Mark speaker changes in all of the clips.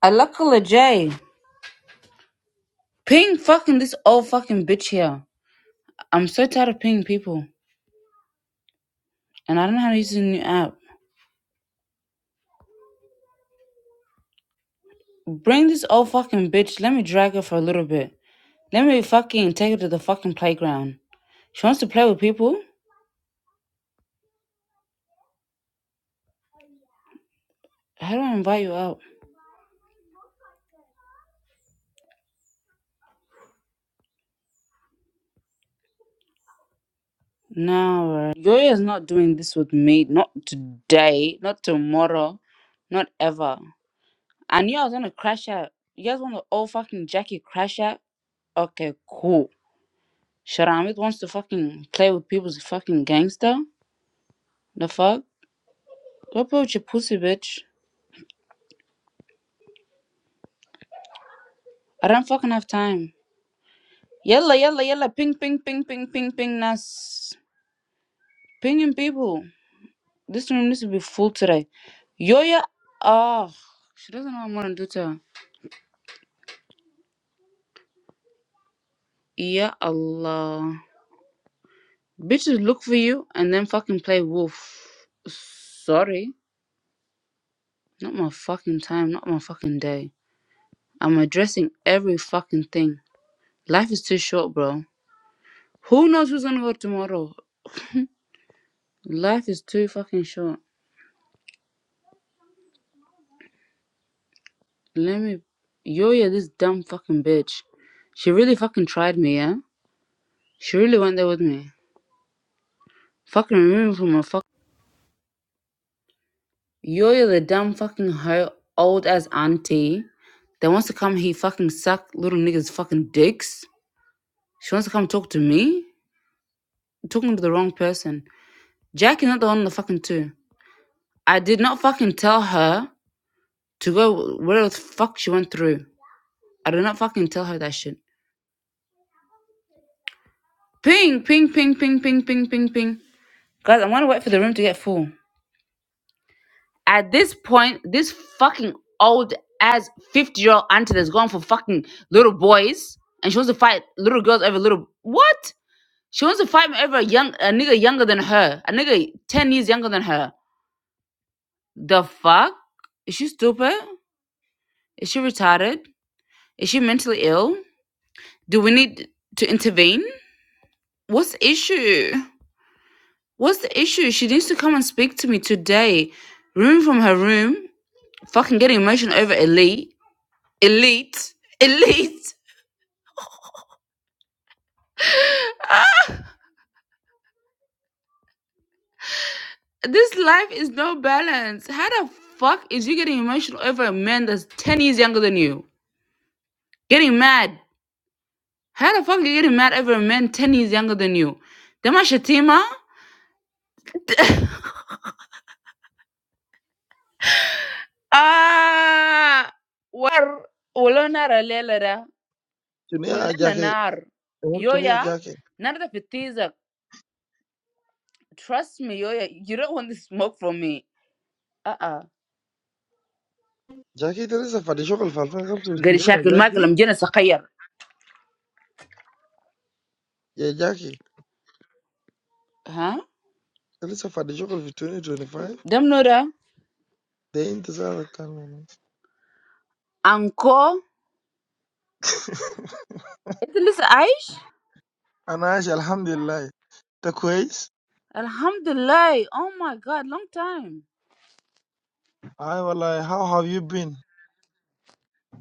Speaker 1: I love Cola J. Ping fucking this old fucking bitch here. I'm so tired of pinging people, and I don't know how to use the new app. Bring this old fucking bitch. Let me drag her for a little bit. Let me fucking take her to the fucking playground. She wants to play with people. How do I invite you out? No, uh, is not doing this with me. Not today. Not tomorrow. Not ever. I knew I was gonna crash out. You guys want the old fucking Jackie crash out? Okay, cool. Sharamit wants to fucking play with people's fucking gangster. The fuck? Go play with your pussy, bitch. I don't fucking have time. Yalla, yalla, yalla. Ping, ping, ping, ping, ping, ping. Nas. Pinging people. This room needs to be full today. Yoya. Oh. She doesn't know what I'm gonna do to her. Ya Allah. Bitches look for you and then fucking play wolf. Sorry. Not my fucking time. Not my fucking day. I'm addressing every fucking thing. Life is too short, bro. Who knows who's gonna work tomorrow? Life is too fucking short. Let me yo yo this dumb fucking bitch. She really fucking tried me, yeah? She really went there with me. Fucking removed me from her fuck yo yo the dumb fucking her old ass auntie that wants to come here fucking suck little niggas fucking dicks. She wants to come talk to me? I'm talking to the wrong person. Jack is not the one on the fucking two. I did not fucking tell her to go whatever the fuck she went through. I did not fucking tell her that shit. Ping, ping, ping, ping, ping, ping, ping, ping. Guys, I'm gonna wait for the room to get full. At this point, this fucking old ass 50 year old auntie that's going for fucking little boys and she wants to fight little girls over little. What? She wants to fight over a, young, a nigga younger than her. A nigga 10 years younger than her. The fuck? Is she stupid? Is she retarded? Is she mentally ill? Do we need to intervene? What's the issue? What's the issue? She needs to come and speak to me today. Room from her room. Fucking getting emotional over elite. Elite. Elite. Ah, This life is no balance. How the fuck is you getting emotional over a man that's 10 years younger than you? Getting mad. How the fuck are you getting mad over a man 10 years younger than you? Dama shatima? Ah, war. Wala nara lela da.
Speaker 2: You need a
Speaker 1: Wala na
Speaker 2: jacket.
Speaker 1: nar.
Speaker 2: I want you to need a
Speaker 1: Yoya,
Speaker 2: jacket.
Speaker 1: nada trust me Yoya, you don't want the smoke from me uh-uh
Speaker 2: Jacket. Tell us about the chocolate. I'm talking about the
Speaker 1: غير
Speaker 2: Sydney
Speaker 1: شاكل
Speaker 2: jacket.
Speaker 1: ماكل مجنة صغير
Speaker 2: Yeah, jacket.
Speaker 1: ها
Speaker 2: Tell us about the chocolate for twenty twenty-five.
Speaker 1: دم نورا
Speaker 2: They intend to do that. Come on.
Speaker 1: انكو انت Lisa Aish?
Speaker 2: And I say, Alhamdulillah. The quiz.
Speaker 1: alhamdulillah oh my god long time
Speaker 2: I was like, How have you been?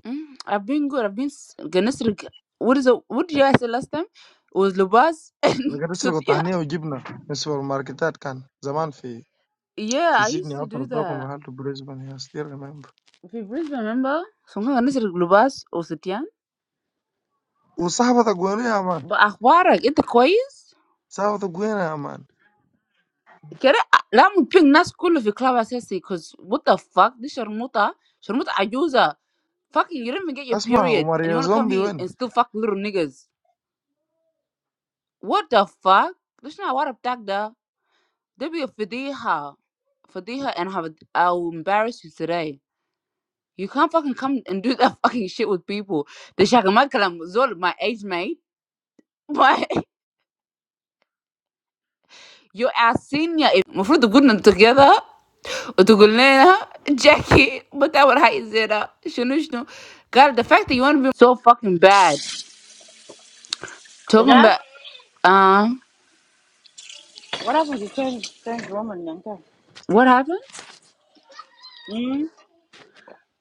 Speaker 1: Mm, I've been good I've been s- Ganesri what is it what did I say last time it was Lubas and
Speaker 2: We got to talk
Speaker 1: Satian
Speaker 2: about the journey of Gibna. We saw him market that can. The time in
Speaker 1: yeah I
Speaker 2: Sydney.
Speaker 1: used
Speaker 2: I
Speaker 1: to do
Speaker 2: talked with him
Speaker 1: that
Speaker 2: about Brisbane. I still remember.
Speaker 1: if you please remember so I'm Ganesri Lubas or Satian
Speaker 2: We saw that guy in the arm.
Speaker 1: but أخبارك انت كويس
Speaker 2: Saw that guy in the arm.
Speaker 1: كده لا ممكن الناس كله في كلاب اساسي cause what the fuck دي شرموطة شرموطة عجوزة fucking you didn't even get your
Speaker 2: Asma, we
Speaker 1: period and
Speaker 2: married
Speaker 1: you
Speaker 2: a
Speaker 1: wanna come here
Speaker 2: zombie.
Speaker 1: and still fuck little niggas what the fuck ليش العوارة بتاعك ده ده بي فضيحة فضيحة and have I'll embarrass you today you can't fucking come and do that fucking shit with people ده شاكمال كلام زول my age mate but your ass senior المفروض to put them together وتقول لنا جاكي بتعمل حاجة زي ده شنو شنو قال the fact that you want to be so fucking bad talking
Speaker 3: Yeah?
Speaker 1: about uh
Speaker 3: What happened to change change woman Yanka?
Speaker 1: what happened
Speaker 3: Hmm?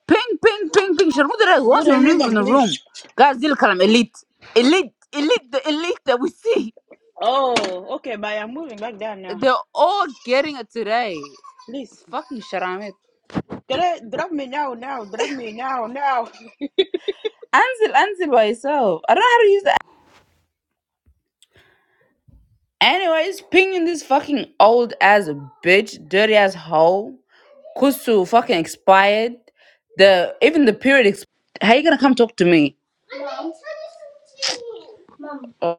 Speaker 1: ping ping ping ping شرموطة that
Speaker 3: Good
Speaker 1: was
Speaker 3: evening,
Speaker 1: removed from
Speaker 3: them,
Speaker 1: the room
Speaker 3: please.
Speaker 1: Guys, قال زي الكلام elite elite elite the elite that we see
Speaker 3: Oh, okay, but I'm moving back down now.
Speaker 1: they're all getting it today
Speaker 3: Please.
Speaker 1: fucking شرامات
Speaker 3: Can I drop me now, now, drop me now, now.
Speaker 1: انزل انزل by yourself I don't know how to use that anyways pinging this fucking old ass bitch dirty ass hoe Kusu fucking expired. The even the period. Exp- How you gonna come talk to me? Oh,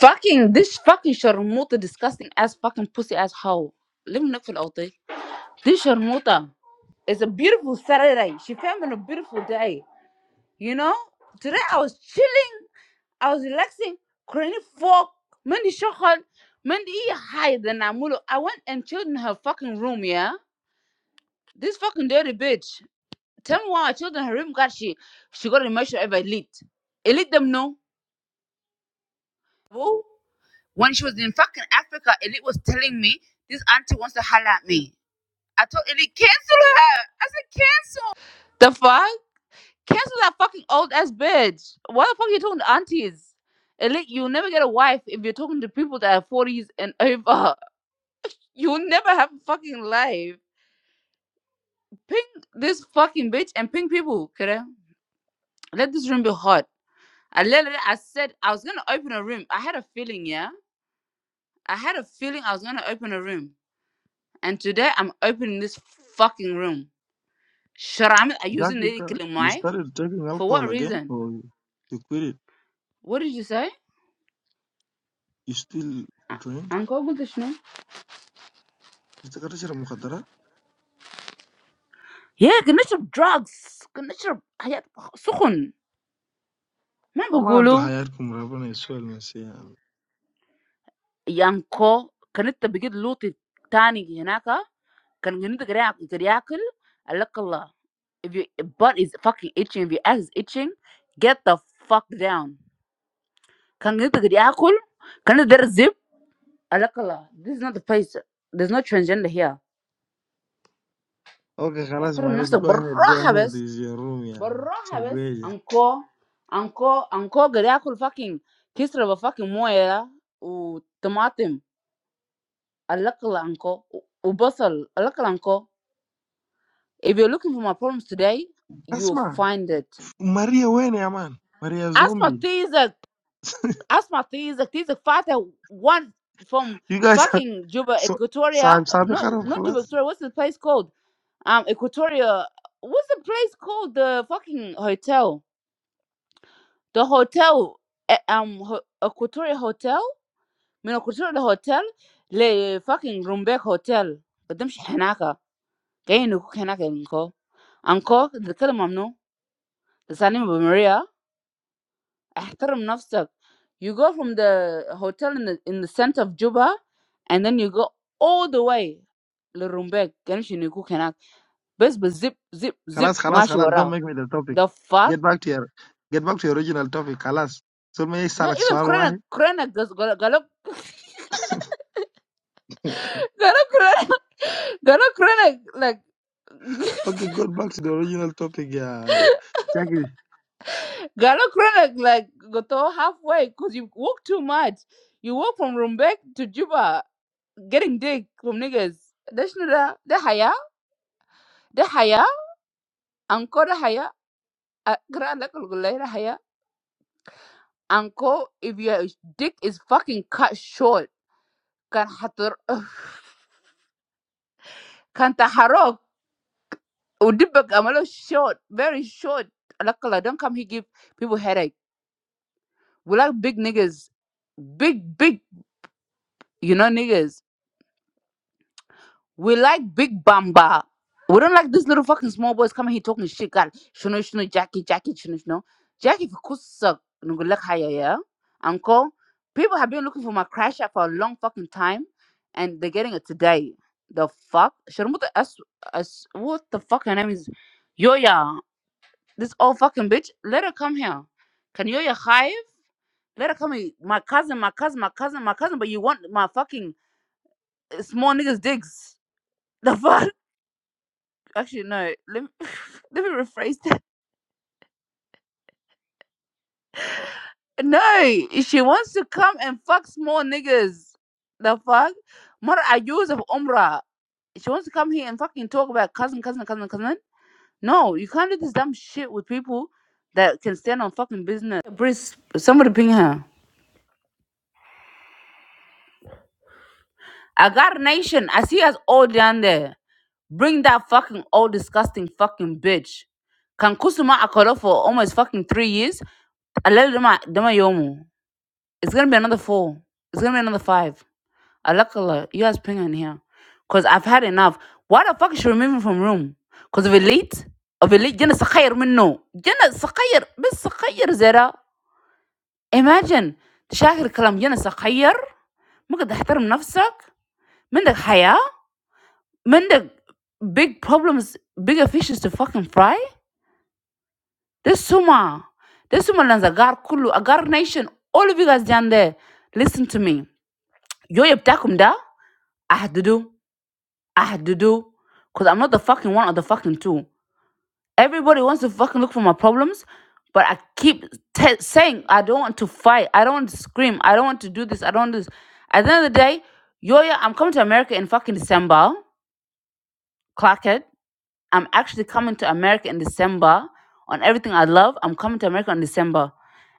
Speaker 1: fucking this fucking sharmuta, disgusting ass fucking pussy ass hoe. Let me knock it out there. This sharmuta. It's a beautiful Saturday. She found on a beautiful day. You know, today I was chilling. I was relaxing. Couldn't fuck. Mandy shokhan. Mandy hide and Namulo. I went and chilled in her fucking room. Yeah, this fucking dirty bitch. Tell me why our children Harim got she she got an emotional over elite. Elite them know. Who? When she was in fucking Africa, Elite was telling me this auntie wants to holler at me. I told Elite, cancel her. I said, "Can- the fuck? Cancel that fucking old ass bitch. Why the fuck are you talking to aunties? Elite, you'll never get a wife if you're talking to people that are forties and over. You'll never have a fucking life. Ping this fucking bitch and ping people, okay? Let this room be hot. I literally, I said I was gonna open a room. I had a feeling, yeah. I had a feeling I was gonna open a room, and today I'm opening this fucking room. Sharam, are using
Speaker 2: Jackie,
Speaker 1: the killing
Speaker 2: you
Speaker 1: my
Speaker 2: started taking
Speaker 1: for what
Speaker 2: alcohol again,
Speaker 1: reason?
Speaker 2: or you quit it?
Speaker 1: What did you say?
Speaker 2: You still drink?
Speaker 1: Uncle قلت شنو؟
Speaker 2: بتتكرر مخدرات؟
Speaker 1: Yeah, connection of drugs, connection of حاجات سخن. ما
Speaker 2: لا ما أنتوا
Speaker 1: بقولوا
Speaker 2: حياتكم ربنا يسوي المسيح
Speaker 1: يانكو كانت بقيت لوطي تاني هناك كان كنت قاعد ياكل قال لك الله if your butt is fucking itching if your ass is itching get the fuck down Can you take the apple? Can you drink zip? Allah, this is not the place. There's no transgender here.
Speaker 2: اوكي خلاص
Speaker 1: احترم
Speaker 2: معلش
Speaker 1: نفسك
Speaker 2: جو ahead جو
Speaker 1: بالراحة
Speaker 2: ahead
Speaker 1: بس
Speaker 2: is your room يا
Speaker 1: بالراحة بس
Speaker 2: شرقوية
Speaker 1: انكو انكو انكو قاعد ياكل fucking كسرة بفاكينج موية ده، وطماطم الأقل انكو وبصل الأقل انكو If you're looking for my problems today you'll
Speaker 2: اسمع
Speaker 1: find it
Speaker 2: ماريا وين يا مان؟ ماريا
Speaker 1: اسمع
Speaker 2: زومبي
Speaker 1: تيزك اسمع تيزك تيزك فاتح one from
Speaker 2: you guys are
Speaker 1: fucking Juba
Speaker 2: so
Speaker 1: Equatoria
Speaker 2: صاحب صاحبي
Speaker 1: no
Speaker 2: خرب
Speaker 1: not Juba
Speaker 2: خلاص
Speaker 1: Equatoria what's the place called um Equatoria what's the place called the fucking hotel the hotel eh, um ho- Equatoria hotel من Equatoria hotel ل fucking Rumbek hotel بتمشي هناك جايين نكوك هناك انكو انكو تتكلم ممنوع لساني بمريا احترم نفسك you go from the hotel in the, in the center of Juba and then you go all the way للرومبيك كانش يكون هناك بس بالزب zip zip
Speaker 2: خلاص خلاص
Speaker 1: ماشي
Speaker 2: خلاص don't
Speaker 1: وراه
Speaker 2: make me the topic
Speaker 1: the fuck
Speaker 2: get back to your get back to your original topic خلاص ثم
Speaker 1: No,
Speaker 2: يسألك
Speaker 1: even
Speaker 2: سؤال
Speaker 1: Corona,
Speaker 2: واحد
Speaker 1: Corona, goes- Galo, Galo, Galo, Corona, Galo, Corona, like,
Speaker 2: Okay, go back to the original topic يا Jack.
Speaker 1: Galo, Corona, like, got all halfway because you walk too much. You walk from Rumbek to Juba, getting dick from niggas. That's not that. The haya, the haya, anko the haya, uh, Corona, like, look, like, the haya, anko. If your dick is fucking cut short, can hatar, can taharok. Udibak amalo short, very short. Like, like, don't come here give people headache. We like big niggas, big big, you know niggas. We like big bamba. We don't like these little fucking small boys coming here talking shit. God, shino shino, Jackie, Jackie, shino shino, Jackie. Kusa nugulek haya yeah. yeah. Uncle, people have been looking for my crash app for a long fucking time, and they're getting it today. The fuck, Sharmuta as as what the fuck her name is, Yoya. This old fucking bitch. Let her come here. Can Yoya hire? Let her call me my cousin, my cousin, my cousin, my cousin. But you want my fucking uh, small niggas digs? The fuck? Actually, no. Let me let me rephrase that. No, she wants to come and fuck small niggas. The fuck? Mother, I use of Umrah. She wants to come here and fucking talk about cousin, cousin, cousin, cousin. No, you can't do this dumb shit with people that can stand on fucking business. Breeze, somebody ping her. I got a nation. I see us all down there. Bring that fucking old disgusting fucking bitch. Can Kusuma Akoro for almost fucking three years? Alele Dama Dama Yomu. It's gonna be another four. It's gonna be another five. Alakala, you guys ping in here. Cause I've had enough. Why the fuck is she removing from room? Cause of elite? Of elite Jana Sakayr minno. Jana Sakayr بس Sakayr Zera. Imagine تشاهر كلام جنا سخير ممكن تحترم نفسك منك حياة منك big problems bigger fishes to fucking fry This Suma, this Suma lands Agar Kulu, Agar Nation, all of you guys down there, listen to me. Yo yeptakum da, I had to do, I had to do, because I'm not the fucking one or the fucking two. Everybody wants to fucking look for my problems, but I keep te- saying I don't want to fight, I don't want to scream, I don't want to do this, I don't want this. At the end of the day, yo, yeah, I'm coming to America in fucking December, Clarkhead. I'm actually coming to America in December on everything I love. I'm coming to America in December.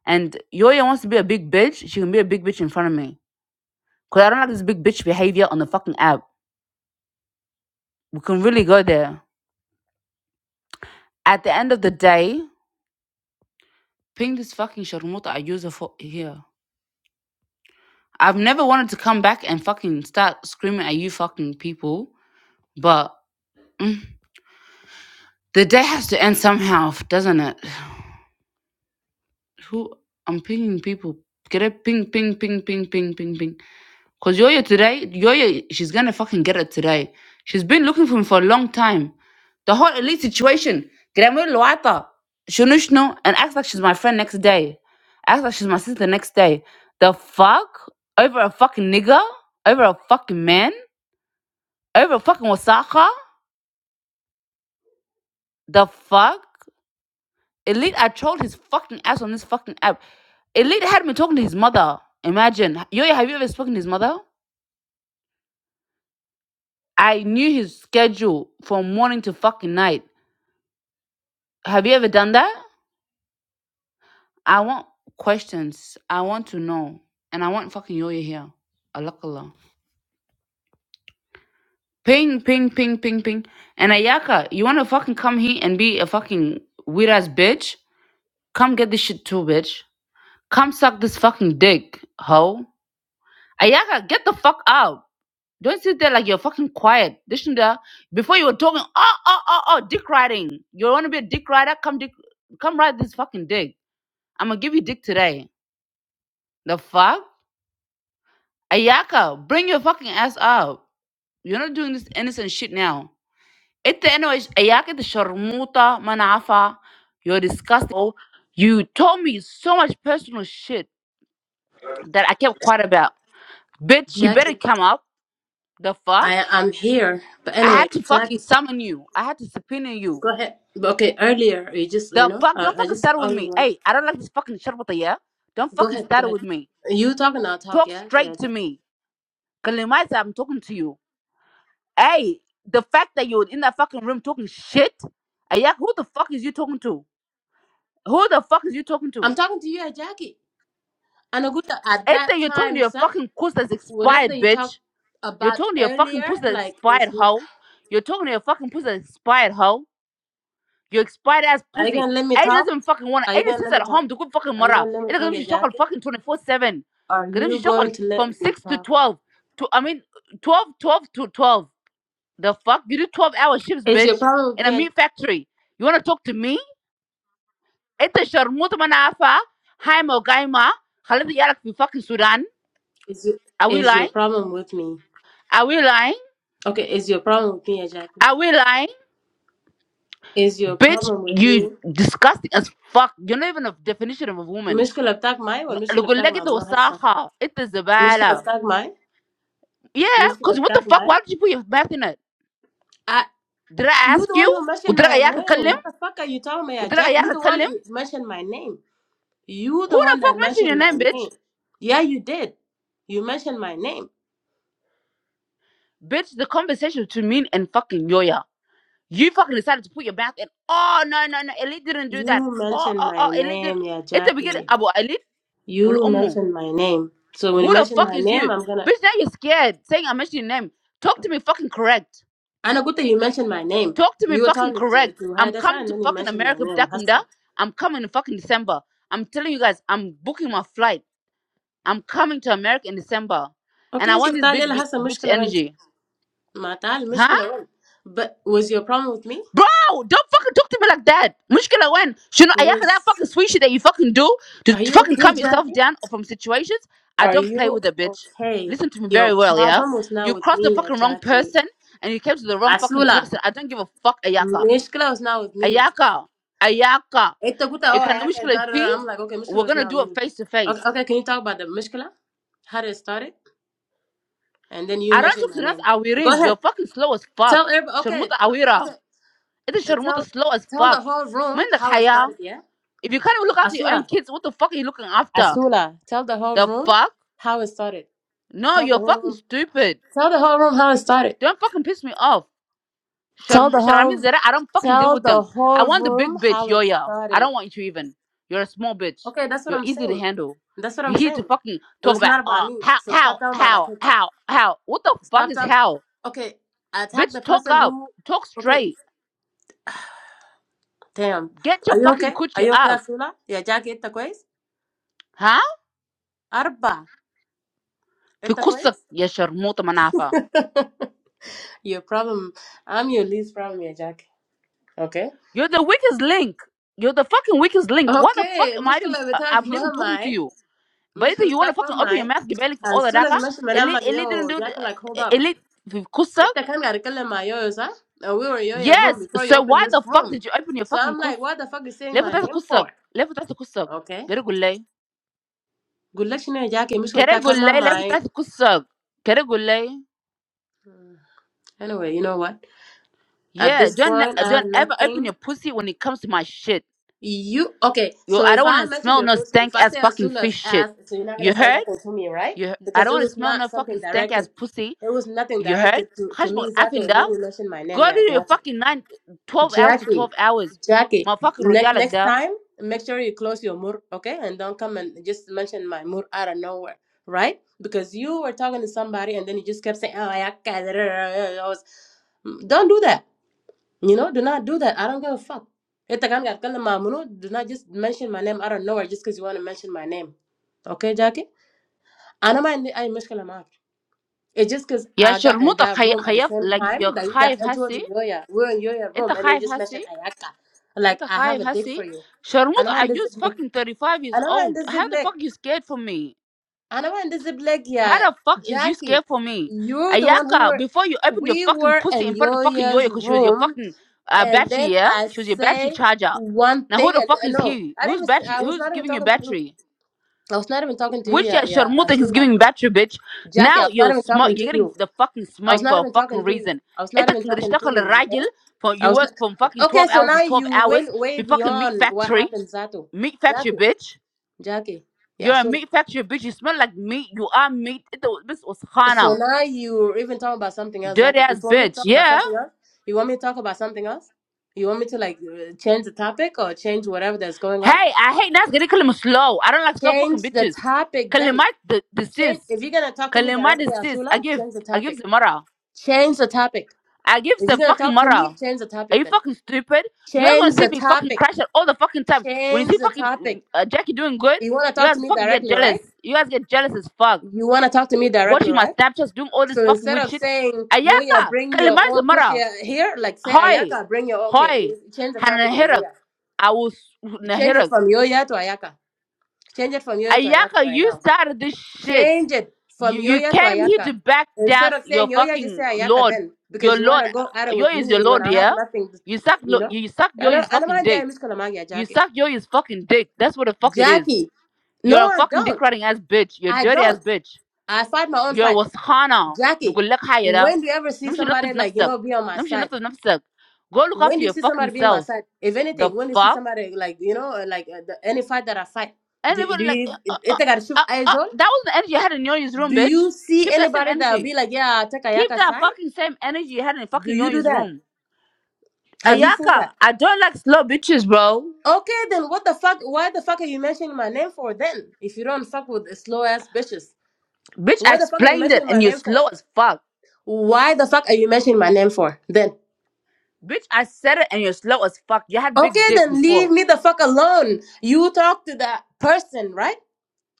Speaker 1: And Yoya wants to be a big bitch. She can be a big bitch in front of me. Because I don't like this big bitch behavior on the fucking app. We can really go there. At the end of the day, ping this fucking sharmuta I use her for here. I've never wanted to come back and fucking start screaming at you fucking people. But mm, the day has to end somehow, doesn't it? Who I'm pinging people. Get it? Ping, ping, ping, ping, ping, ping, ping. Cause Yoyo today, Yoyo, she's gonna fucking get it today. She's been looking for him for a long time. The whole elite situation. Grammar Luata, Shunushnu, and acts like she's my friend next day. Acts like she's my sister next day. The fuck? Over a fucking nigga? Over a fucking man? Over a fucking wasaka? The fuck? Elite, I trolled his fucking ass on this fucking app. Elite had me talking to his mother. Imagine. Yoyo, have you ever spoken to his mother? I knew his schedule from morning to fucking night. Have you ever done that? I want questions. I want to know. And I want fucking Yoya here. Alakala. Ping, ping, ping, ping, ping. And Ayaka, you wanna fucking come here and be a fucking weird ass bitch? Come get this shit too, bitch. Come suck this fucking dick, hoe. Ayaka, get the fuck out. Don't sit there like you're fucking quiet. This and that. Before you were talking, oh, oh, oh, oh, dick riding. You wanna be a dick rider? Come dick, come ride this fucking dick. I'm gonna give you dick today. The fuck? Ayaka, bring your fucking ass up. You're not doing this innocent shit now. It anyways, Ayaka the Sharmuta Manafa, you're disgusting. Oh, You told me so much personal shit that I kept quiet about. Bitch, you
Speaker 4: Jack,
Speaker 1: better come up. The fuck?
Speaker 4: I am here. But
Speaker 1: I
Speaker 4: anyway,
Speaker 1: had to
Speaker 4: Jack,
Speaker 1: fucking summon you. I had to subpoena you.
Speaker 4: go ahead. But Okay, earlier you just you
Speaker 1: The
Speaker 4: know
Speaker 1: fuck? Don't
Speaker 4: I, I
Speaker 1: fucking
Speaker 4: just
Speaker 1: start with
Speaker 4: only
Speaker 1: me.
Speaker 4: one.
Speaker 1: Hey, I don't like this fucking Sharmuta, yeah? Don't
Speaker 4: Go
Speaker 1: fucking
Speaker 4: ahead, go
Speaker 1: start
Speaker 4: ahead.
Speaker 1: with me.
Speaker 4: You talking? I'll talk.
Speaker 1: Talk
Speaker 4: Yeah, yeah.
Speaker 1: straight to
Speaker 4: Jack.
Speaker 1: me. Kalimaiza, I'm talking to you. Hey, the fact that you were in that fucking room talking shit, Ayak, who the fuck is you talking to? Who the fuck is you talking to?
Speaker 4: I'm talking to you, eh, Jackie. And Aguta, at
Speaker 1: Ain't
Speaker 4: that
Speaker 1: that you're talking to
Speaker 4: time,
Speaker 1: your
Speaker 4: sir,
Speaker 1: fucking puss that's
Speaker 4: whatever
Speaker 1: expired,
Speaker 4: you
Speaker 1: bitch.
Speaker 4: talked
Speaker 1: You're
Speaker 4: about
Speaker 1: talking to your fucking puss
Speaker 4: earlier,
Speaker 1: that's
Speaker 4: like it's.
Speaker 1: expired,
Speaker 4: Not,
Speaker 1: hoe. You're talking to your fucking puss that's expired, hoe. You expired ass
Speaker 4: are you
Speaker 1: pussy.
Speaker 4: gonna let me
Speaker 1: Ada
Speaker 4: talk?
Speaker 1: doesn't fucking want
Speaker 4: Are
Speaker 1: to.
Speaker 4: you
Speaker 1: Ada
Speaker 4: gonna
Speaker 1: sits
Speaker 4: let
Speaker 1: at
Speaker 4: me talk?
Speaker 1: home to good fucking
Speaker 4: Are you
Speaker 1: mother.
Speaker 4: gonna let
Speaker 1: It
Speaker 4: me
Speaker 1: doesn't
Speaker 4: talk, eh,
Speaker 1: she shock on
Speaker 4: Jackie?
Speaker 1: fucking 24 7.
Speaker 4: Are
Speaker 1: Because if she
Speaker 4: you
Speaker 1: shock on
Speaker 4: going to
Speaker 1: from
Speaker 4: let me
Speaker 1: 6 to
Speaker 4: talk?
Speaker 1: 12. To, I mean, 12 12 to 12. The fuck? You do 12 hour shifts,
Speaker 4: Is your
Speaker 1: bitch,
Speaker 4: problem with
Speaker 1: in a
Speaker 4: me? eh,
Speaker 1: meat factory. You wanna talk to me? Ita sharmuta manafa. Hi mo gaima. Khalid yarak fi fucking Sudan.
Speaker 4: Is your,
Speaker 1: Are we
Speaker 4: is your
Speaker 1: lying?
Speaker 4: problem with me?
Speaker 1: Are we lying?
Speaker 4: Okay, is your problem with me, eh, Jackie?
Speaker 1: Are we lying?
Speaker 4: Is your
Speaker 1: Bitch,
Speaker 4: problem with
Speaker 1: you
Speaker 4: me?
Speaker 1: disgusting as fuck. You're not even a definition of a woman.
Speaker 4: مشكلة بتاعك معي ولا المشكلة
Speaker 1: Look
Speaker 4: بتاعك
Speaker 1: like
Speaker 4: مع
Speaker 1: it
Speaker 4: منو
Speaker 1: was
Speaker 4: هسه؟
Speaker 1: Saha. It is
Speaker 4: المشكلة
Speaker 1: Zabala.
Speaker 4: بتاعك معي؟
Speaker 1: Yeah,
Speaker 4: المشكلة
Speaker 1: cause what the
Speaker 4: بتاعك
Speaker 1: fuck?
Speaker 4: معي؟
Speaker 1: Why did you put your back in it?
Speaker 4: I,
Speaker 1: Did I
Speaker 4: you
Speaker 1: ask
Speaker 4: the
Speaker 1: you?
Speaker 4: one who
Speaker 1: Would
Speaker 4: mentioned
Speaker 1: I
Speaker 4: my
Speaker 1: yaka
Speaker 4: name.
Speaker 1: kalim?
Speaker 4: What the fuck are you talking about, yeah,
Speaker 1: Would I
Speaker 4: Jack? You
Speaker 1: yaka
Speaker 4: the one
Speaker 1: kalim?
Speaker 4: who mentioned my name. You
Speaker 1: Who
Speaker 4: the
Speaker 1: the
Speaker 4: one
Speaker 1: fuck
Speaker 4: that
Speaker 1: mentioned your
Speaker 4: mentioned my
Speaker 1: name,
Speaker 4: name.
Speaker 1: bitch?
Speaker 4: Yeah, you did. You mentioned my name.
Speaker 1: Bitch, the conversation between me and fucking Yoya. You fucking decided to put your back in. Oh no no no, Elite didn't do
Speaker 4: You
Speaker 1: that. Oh
Speaker 4: mentioned
Speaker 1: oh
Speaker 4: my
Speaker 1: oh, Elite didn't.
Speaker 4: name, yeah,
Speaker 1: It's the beginning.
Speaker 4: Jackie.
Speaker 1: Abu Elite
Speaker 4: You
Speaker 1: will ummu.
Speaker 4: mentioned my name. So when you
Speaker 1: Who the
Speaker 4: mentioned
Speaker 1: fuck
Speaker 4: my
Speaker 1: is you,
Speaker 4: name, I'm gonna.
Speaker 1: bitch? Now you're scared saying I mentioned your name. Talk to me fucking correct.
Speaker 4: Anna Gutta, you mentioned my name.
Speaker 1: Talk to me
Speaker 4: You were
Speaker 1: fucking
Speaker 4: talking to,
Speaker 1: correct.
Speaker 4: to
Speaker 1: I'm
Speaker 4: hide us,
Speaker 1: coming
Speaker 4: and
Speaker 1: to
Speaker 4: then you
Speaker 1: fucking
Speaker 4: mentioned my
Speaker 1: America,
Speaker 4: name.
Speaker 1: Btakumda.
Speaker 4: Hassa.
Speaker 1: I'm coming in fucking December. I'm telling you guys, I'm booking my flight. I'm coming to America in December, and I
Speaker 4: Okay, so
Speaker 1: want this
Speaker 4: تعال
Speaker 1: big
Speaker 4: يلا
Speaker 1: big
Speaker 4: حسن
Speaker 1: bitch
Speaker 4: مشكلة وين؟
Speaker 1: energy,
Speaker 4: ما تعال
Speaker 1: huh?
Speaker 4: المشكلة وين؟ But was your problem with me?
Speaker 1: Bro, don't fucking talk to me like that. Mushkila when you know ayaka
Speaker 4: Was
Speaker 1: that fucking sweet shit that you fucking do to
Speaker 4: are
Speaker 1: to
Speaker 4: you
Speaker 1: fucking
Speaker 4: okay,
Speaker 1: calm yourself
Speaker 4: Jackie?
Speaker 1: down or from situations. I
Speaker 4: Are
Speaker 1: don't play
Speaker 4: you
Speaker 1: with a bitch.
Speaker 4: okay?
Speaker 1: Listen to me
Speaker 4: Your
Speaker 1: very well, yeah?
Speaker 4: problem was
Speaker 1: You
Speaker 4: not with
Speaker 1: crossed
Speaker 4: me
Speaker 1: the
Speaker 4: يا
Speaker 1: fucking wrong
Speaker 4: Jackie.
Speaker 1: person and you came to the wrong fucking
Speaker 4: Asula,
Speaker 1: person. I don't give a fuck ayaka.
Speaker 4: المشكلة was not with me.
Speaker 1: Ayaka. Ayaka.
Speaker 4: انت قلت
Speaker 1: It
Speaker 4: oh
Speaker 1: can
Speaker 4: I it's
Speaker 1: mushkila
Speaker 4: not her.
Speaker 1: fee.
Speaker 4: I'm like okay
Speaker 1: We're
Speaker 4: مشكلة was
Speaker 1: gonna
Speaker 4: not
Speaker 1: do
Speaker 4: with
Speaker 1: it
Speaker 4: me.
Speaker 1: face to face.
Speaker 4: Okay, okay, can you talk about the مشكلة? How did it started? And then you
Speaker 1: I don't
Speaker 4: mentioned
Speaker 1: talk
Speaker 4: my
Speaker 1: to us
Speaker 4: name. Go
Speaker 1: awirin. You're
Speaker 4: ahead.
Speaker 1: fucking slow as fuck.
Speaker 4: Tell everybody. Okay,
Speaker 1: Sharmuta awira.
Speaker 4: okay.
Speaker 1: It's
Speaker 4: Uh,
Speaker 1: sharmuta
Speaker 4: Tell
Speaker 1: slow as
Speaker 4: tell the
Speaker 1: fuck.
Speaker 4: whole room
Speaker 1: Mind the
Speaker 4: how it
Speaker 1: haya.
Speaker 4: started. Yeah,
Speaker 1: If you can't even look after your
Speaker 4: Asula.
Speaker 1: own kids, what the fuck are you looking after?
Speaker 4: Asula, tell the whole
Speaker 1: The
Speaker 4: room
Speaker 1: fuck?
Speaker 4: how it started.
Speaker 1: No,
Speaker 4: Tell the
Speaker 1: you're
Speaker 4: whole
Speaker 1: fucking
Speaker 4: room.
Speaker 1: stupid.
Speaker 4: Tell the whole room how it started.
Speaker 1: Don't fucking piss me off.
Speaker 4: Tell
Speaker 1: Sharm-
Speaker 4: the whole.
Speaker 1: Sharami Zara, I don't fucking deal
Speaker 4: Tell
Speaker 1: with
Speaker 4: the
Speaker 1: them. I
Speaker 4: whole
Speaker 1: want the
Speaker 4: room
Speaker 1: big bitch,
Speaker 4: how it
Speaker 1: Yoya. I
Speaker 4: started.
Speaker 1: don't want you even. You're a small bitch.
Speaker 4: Okay, that's what
Speaker 1: You're
Speaker 4: I'm
Speaker 1: easy to
Speaker 4: saying.
Speaker 1: handle.
Speaker 4: That's what
Speaker 1: You
Speaker 4: I'm
Speaker 1: here to
Speaker 4: saying.
Speaker 1: fucking
Speaker 4: It
Speaker 1: talk
Speaker 4: was
Speaker 1: about
Speaker 4: not about
Speaker 1: uh
Speaker 4: me.
Speaker 1: how
Speaker 4: So stop
Speaker 1: how
Speaker 4: talking about my
Speaker 1: how
Speaker 4: kids.
Speaker 1: how how what the fuck
Speaker 4: Stop
Speaker 1: is
Speaker 4: talk.
Speaker 1: how?
Speaker 4: Okay, I attacked the
Speaker 1: Bitch, talk
Speaker 4: person
Speaker 1: up.
Speaker 4: who.
Speaker 1: Talk
Speaker 4: Okay,
Speaker 1: straight.
Speaker 4: damn.
Speaker 1: Get
Speaker 4: Are
Speaker 1: your
Speaker 4: you
Speaker 1: fucking
Speaker 4: okay? Are
Speaker 1: coochie
Speaker 4: you okay,
Speaker 1: up.
Speaker 4: Asula? Yeah, Jackie, it's the quiz.
Speaker 1: Huh?
Speaker 4: Arba,
Speaker 1: في
Speaker 4: it's the
Speaker 1: قصك
Speaker 4: quiz.
Speaker 1: يا شرموطة منعفة
Speaker 4: Your problem. I'm your least problem, yeah, Jackie. Okay.
Speaker 1: You're the weakest link. You're the fucking weakest link. What the fuck
Speaker 4: اوكي
Speaker 1: am I even?
Speaker 4: المشكله
Speaker 1: uh,
Speaker 4: بتاعك
Speaker 1: I'm not even
Speaker 4: ما
Speaker 1: talking to
Speaker 4: معي
Speaker 1: you. But either
Speaker 4: المشكله
Speaker 1: you want to
Speaker 4: بتاعك ما
Speaker 1: fucking open your
Speaker 4: معي
Speaker 1: mouth, Gibelli, for
Speaker 4: as
Speaker 1: all the
Speaker 4: soon
Speaker 1: daka.
Speaker 4: as ماشي من
Speaker 1: Elite,
Speaker 4: like
Speaker 1: elite didn't
Speaker 4: yo,
Speaker 1: do the,
Speaker 4: جاك like
Speaker 1: uh,
Speaker 4: hold up
Speaker 1: elite with kusak.
Speaker 4: انت كان قاعد تتكلم مع يويو صح؟ And we were in your room
Speaker 1: Yes.
Speaker 4: before you
Speaker 1: So
Speaker 4: opened
Speaker 1: why
Speaker 4: this
Speaker 1: the fuck
Speaker 4: room
Speaker 1: did you open your
Speaker 4: so
Speaker 1: fucking
Speaker 4: I'm
Speaker 1: kus?
Speaker 4: like what the fuck is saying
Speaker 1: Left
Speaker 4: my
Speaker 1: that
Speaker 4: name
Speaker 1: kusak.
Speaker 4: for
Speaker 1: Left that kusak.
Speaker 4: okay
Speaker 1: Kere gulle.
Speaker 4: قول لك شنو يا جاك المشكله
Speaker 1: Kere
Speaker 4: بتاعك كان ما
Speaker 1: gulle. Left
Speaker 4: معي
Speaker 1: that kusak. Kere gulle.
Speaker 4: anyway you know what at
Speaker 1: Yeah.
Speaker 4: this
Speaker 1: Don't
Speaker 4: point
Speaker 1: ne-
Speaker 4: I have
Speaker 1: don't ever open
Speaker 4: nothing
Speaker 1: your pussy when it comes to my shit.
Speaker 4: You okay?
Speaker 1: Yo,
Speaker 4: So
Speaker 1: I
Speaker 4: if
Speaker 1: don't want
Speaker 4: I
Speaker 1: to
Speaker 4: mention
Speaker 1: smell
Speaker 4: your
Speaker 1: no
Speaker 4: post,
Speaker 1: stank
Speaker 4: if I
Speaker 1: ass
Speaker 4: say as
Speaker 1: fucking
Speaker 4: soon
Speaker 1: fish
Speaker 4: as
Speaker 1: shit.
Speaker 4: as, so you're not gonna
Speaker 1: You
Speaker 4: send
Speaker 1: heard?
Speaker 4: that one to me, right?
Speaker 1: You, I don't
Speaker 4: Because it
Speaker 1: want to
Speaker 4: was
Speaker 1: smell
Speaker 4: not
Speaker 1: no fucking
Speaker 4: something
Speaker 1: stank ass
Speaker 4: directed.
Speaker 1: pussy.
Speaker 4: It was nothing
Speaker 1: You heard?
Speaker 4: directed to to me,
Speaker 1: Hashbal
Speaker 4: Zato. And
Speaker 1: Afinda.
Speaker 4: then you mentioned my
Speaker 1: Go
Speaker 4: name,
Speaker 1: to
Speaker 4: yeah,
Speaker 1: your
Speaker 4: Jackie.
Speaker 1: fucking nine, twelve hours to
Speaker 4: Jackie,
Speaker 1: 12 hours.
Speaker 4: Jackie.
Speaker 1: Motherfucker
Speaker 4: Next
Speaker 1: رجالك
Speaker 4: next
Speaker 1: ده
Speaker 4: time, make sure you close your mur, okay? And don't come and just mention my mur out of nowhere, right? Because you were talking to somebody and then you just kept saying, oh, I can't. I was- "Mm, Don't do that. You know, do not do that. I don't give a fuck. If to the guy got do not just mention my name out of nowhere just because you want to mention my name. Okay, Jackie? I don't mind I mushkala mark. It's just because
Speaker 1: يا
Speaker 4: I got in
Speaker 1: شرموطة
Speaker 4: that
Speaker 1: خي...
Speaker 4: room at the
Speaker 1: خيف
Speaker 4: same
Speaker 1: like you're
Speaker 4: time that you
Speaker 1: خايف
Speaker 4: got into
Speaker 1: هسي
Speaker 4: the Yoya. We're in Yoya
Speaker 1: انت
Speaker 4: room and they
Speaker 1: خايف
Speaker 4: just
Speaker 1: هسي
Speaker 4: mentioned Ayaka. Like,
Speaker 1: انت
Speaker 4: I have
Speaker 1: خايف
Speaker 4: a dick for
Speaker 1: هسي
Speaker 4: you. I don't
Speaker 1: شرموطة I
Speaker 4: mind the zip
Speaker 1: just
Speaker 4: lick.
Speaker 1: fucking 35 years
Speaker 4: I don't mind
Speaker 1: old
Speaker 4: the zip
Speaker 1: how the
Speaker 4: lick.
Speaker 1: fuck you scared for me
Speaker 4: أنا ما عندي زب لك
Speaker 1: how
Speaker 4: يا
Speaker 1: the fuck is you
Speaker 4: Jackie.
Speaker 1: scared for me
Speaker 4: You're the one who
Speaker 1: Ayaka
Speaker 4: were,
Speaker 1: before you opened your
Speaker 4: we
Speaker 1: fucking
Speaker 4: were
Speaker 1: pussy
Speaker 4: in
Speaker 1: in front of fucking Yoya
Speaker 4: Yoya's
Speaker 1: cause she was your
Speaker 4: room
Speaker 1: fucking uh,
Speaker 4: and
Speaker 1: battery
Speaker 4: then
Speaker 1: yeah
Speaker 4: I
Speaker 1: she was your battery
Speaker 4: say
Speaker 1: charger
Speaker 4: one
Speaker 1: now who
Speaker 4: thing,
Speaker 1: the
Speaker 4: and
Speaker 1: fuck is
Speaker 4: no,
Speaker 1: he
Speaker 4: I
Speaker 1: who's
Speaker 4: didn't. Even,
Speaker 1: battery
Speaker 4: I was
Speaker 1: who's
Speaker 4: not even
Speaker 1: giving you
Speaker 4: talking to you.
Speaker 1: battery
Speaker 4: I was not even talking to you,
Speaker 1: Which yeah,
Speaker 4: yeah, yeah,
Speaker 1: Sharmuta is
Speaker 4: Asula,
Speaker 1: giving back to you, bitch.
Speaker 4: Jackie. I
Speaker 1: Now
Speaker 4: was not
Speaker 1: you're
Speaker 4: even talking
Speaker 1: smart. You're
Speaker 4: to
Speaker 1: getting
Speaker 4: you.
Speaker 1: the fucking
Speaker 4: I
Speaker 1: smoke
Speaker 4: was not
Speaker 1: for a
Speaker 4: even
Speaker 1: fucking
Speaker 4: talking to you.
Speaker 1: reason.
Speaker 4: I was not
Speaker 1: انت
Speaker 4: even
Speaker 1: كان قد
Speaker 4: talking to
Speaker 1: اشتغل
Speaker 4: you. Okay,
Speaker 1: الراجل for
Speaker 4: I
Speaker 1: you
Speaker 4: was
Speaker 1: work
Speaker 4: not.
Speaker 1: from fucking
Speaker 4: Okay,
Speaker 1: 12
Speaker 4: so
Speaker 1: hours to
Speaker 4: now
Speaker 1: 12
Speaker 4: you went
Speaker 1: hours
Speaker 4: way
Speaker 1: The fucking meat
Speaker 4: beyond what
Speaker 1: factory
Speaker 4: happened, Zato,
Speaker 1: meat factory
Speaker 4: Jackie,
Speaker 1: bitch
Speaker 4: Jackie, yeah,
Speaker 1: you're a
Speaker 4: Asula.
Speaker 1: meat factory bitch you smell like meat you are meat انت بس
Speaker 4: So
Speaker 1: وسخانة
Speaker 4: now you even talk about something else. That
Speaker 1: dirty
Speaker 4: if you
Speaker 1: ass
Speaker 4: want me to
Speaker 1: bitch
Speaker 4: talk about
Speaker 1: yeah
Speaker 4: something else, you want me to talk about something else. You want me to like uh, change the topic or change whatever that's going on.
Speaker 1: hey I hate ناس قاعدين him slow I don't like slow
Speaker 4: Change
Speaker 1: fucking
Speaker 4: the
Speaker 1: bitches
Speaker 4: topic then.
Speaker 1: كلمات the the
Speaker 4: Change
Speaker 1: sis
Speaker 4: if you're gonna talk to me
Speaker 1: كلمات
Speaker 4: directly,
Speaker 1: the sis
Speaker 4: Asula.
Speaker 1: I give
Speaker 4: Change the
Speaker 1: I give
Speaker 4: topic.
Speaker 1: زمرة
Speaker 4: Change the topic.
Speaker 1: I give
Speaker 4: If you're
Speaker 1: some
Speaker 4: gonna
Speaker 1: fucking
Speaker 4: talk to me,
Speaker 1: moral.
Speaker 4: change the
Speaker 1: Are
Speaker 4: topic
Speaker 1: you
Speaker 4: then.
Speaker 1: fucking stupid? You guys want
Speaker 4: Change
Speaker 1: to see
Speaker 4: the
Speaker 1: me fucking
Speaker 4: topic.
Speaker 1: crash out all the fucking time. When you
Speaker 4: Change
Speaker 1: see
Speaker 4: the
Speaker 1: fucking mm,
Speaker 4: topic.
Speaker 1: uh, Jackie doing good,
Speaker 4: You wanna
Speaker 1: you
Speaker 4: talk to
Speaker 1: guys
Speaker 4: me
Speaker 1: fucking get
Speaker 4: directly,
Speaker 1: jealous.
Speaker 4: right?
Speaker 1: You guys get jealous as fuck.
Speaker 4: You wanna talk to me directly,
Speaker 1: Watching my
Speaker 4: right?
Speaker 1: Snapchats, doing all this
Speaker 4: So
Speaker 1: fucking
Speaker 4: instead
Speaker 1: weird
Speaker 4: of
Speaker 1: shit.
Speaker 4: saying Yoya,
Speaker 1: Ayaka,
Speaker 4: bring your
Speaker 1: kalimaiza
Speaker 4: old
Speaker 1: mara.
Speaker 4: kushia here, like say
Speaker 1: Hoi,
Speaker 4: Ayaka, bring your okay,
Speaker 1: hoi,
Speaker 4: change the
Speaker 1: hana
Speaker 4: topic, yeah,
Speaker 1: nahirak.
Speaker 4: Yoya.
Speaker 1: I was
Speaker 4: Change it
Speaker 1: nahirak.
Speaker 4: from Yoya to Ayaka. Change it from Yoya to Ayaka
Speaker 1: Ayaka,
Speaker 4: right
Speaker 1: you
Speaker 4: now.
Speaker 1: started this shit.
Speaker 4: Change it from
Speaker 1: You you
Speaker 4: Yoya to
Speaker 1: came here to
Speaker 4: Ayaka.
Speaker 1: back down
Speaker 4: Instead of
Speaker 1: your
Speaker 4: saying Yoya, just say
Speaker 1: fucking
Speaker 4: Ayaka
Speaker 1: lord.
Speaker 4: then,
Speaker 1: Your
Speaker 4: because you
Speaker 1: lord,
Speaker 4: wanna go at it
Speaker 1: yo
Speaker 4: with
Speaker 1: is
Speaker 4: me
Speaker 1: your
Speaker 4: when
Speaker 1: lord,
Speaker 4: I have
Speaker 1: yeah.
Speaker 4: nothing,
Speaker 1: You suck,
Speaker 4: you
Speaker 1: lo-
Speaker 4: know.
Speaker 1: you suck
Speaker 4: I
Speaker 1: yo
Speaker 4: know,
Speaker 1: is
Speaker 4: I know
Speaker 1: fucking
Speaker 4: my
Speaker 1: dick.
Speaker 4: dad is gonna marry a
Speaker 1: You
Speaker 4: Jackie.
Speaker 1: suck yo is fucking dick. That's what the fuck it is.
Speaker 4: Jackie, no,
Speaker 1: You're a
Speaker 4: I
Speaker 1: fucking dick
Speaker 4: don't.
Speaker 1: riding ass bitch. You're a
Speaker 4: I
Speaker 1: dirty ass
Speaker 4: don't.
Speaker 1: bitch.
Speaker 4: I fight my own
Speaker 1: You're a
Speaker 4: fight.
Speaker 1: waskhana.
Speaker 4: Jackie,
Speaker 1: نقول لك حاجة ده.
Speaker 4: when do you ever see
Speaker 1: نمشي
Speaker 4: somebody
Speaker 1: نطف
Speaker 4: like you
Speaker 1: نفسك.
Speaker 4: know be on my
Speaker 1: نمشي
Speaker 4: side?
Speaker 1: نطف نفسك. Go look
Speaker 4: When
Speaker 1: after
Speaker 4: do you
Speaker 1: your
Speaker 4: see
Speaker 1: fucking
Speaker 4: somebody being my
Speaker 1: self.
Speaker 4: side? If
Speaker 1: The
Speaker 4: anything, when do you see
Speaker 1: fuck?
Speaker 4: somebody like you know, uh, like uh, the, any fight that I fight, do,
Speaker 1: Anybody
Speaker 4: do
Speaker 1: like uh,
Speaker 4: you
Speaker 1: uh,
Speaker 4: it take a shoot
Speaker 1: uh,
Speaker 4: eyes
Speaker 1: uh,
Speaker 4: on?
Speaker 1: that was the energy I had in Yoni's room,
Speaker 4: Do
Speaker 1: bitch.
Speaker 4: you see
Speaker 1: Keep that same
Speaker 4: anybody that'll
Speaker 1: energy.
Speaker 4: be like, yeah, I take a
Speaker 1: Keep
Speaker 4: yaka
Speaker 1: that
Speaker 4: side?
Speaker 1: fucking same energy you had in
Speaker 4: Do
Speaker 1: fucking
Speaker 4: you do
Speaker 1: Yoyi's
Speaker 4: that?
Speaker 1: room.
Speaker 4: Have you seen
Speaker 1: Ayaka,
Speaker 4: that?
Speaker 1: I don't like slow bitches, bro.
Speaker 4: Okay, then what the fuck? Why the fuck are you mentioning my name for then? If you don't fuck with slow ass bitches,
Speaker 1: Bitch, I
Speaker 4: what the fuck are you
Speaker 1: explained it
Speaker 4: mentioning my
Speaker 1: and you're
Speaker 4: name
Speaker 1: slow
Speaker 4: for?
Speaker 1: as fuck.
Speaker 4: Why the fuck are you mentioning my name for then?
Speaker 1: Bitch, I said it and you're slow as fuck. You had big
Speaker 4: Okay,
Speaker 1: dick
Speaker 4: then leave
Speaker 1: before.
Speaker 4: me the fuck alone. You talk to that person, right?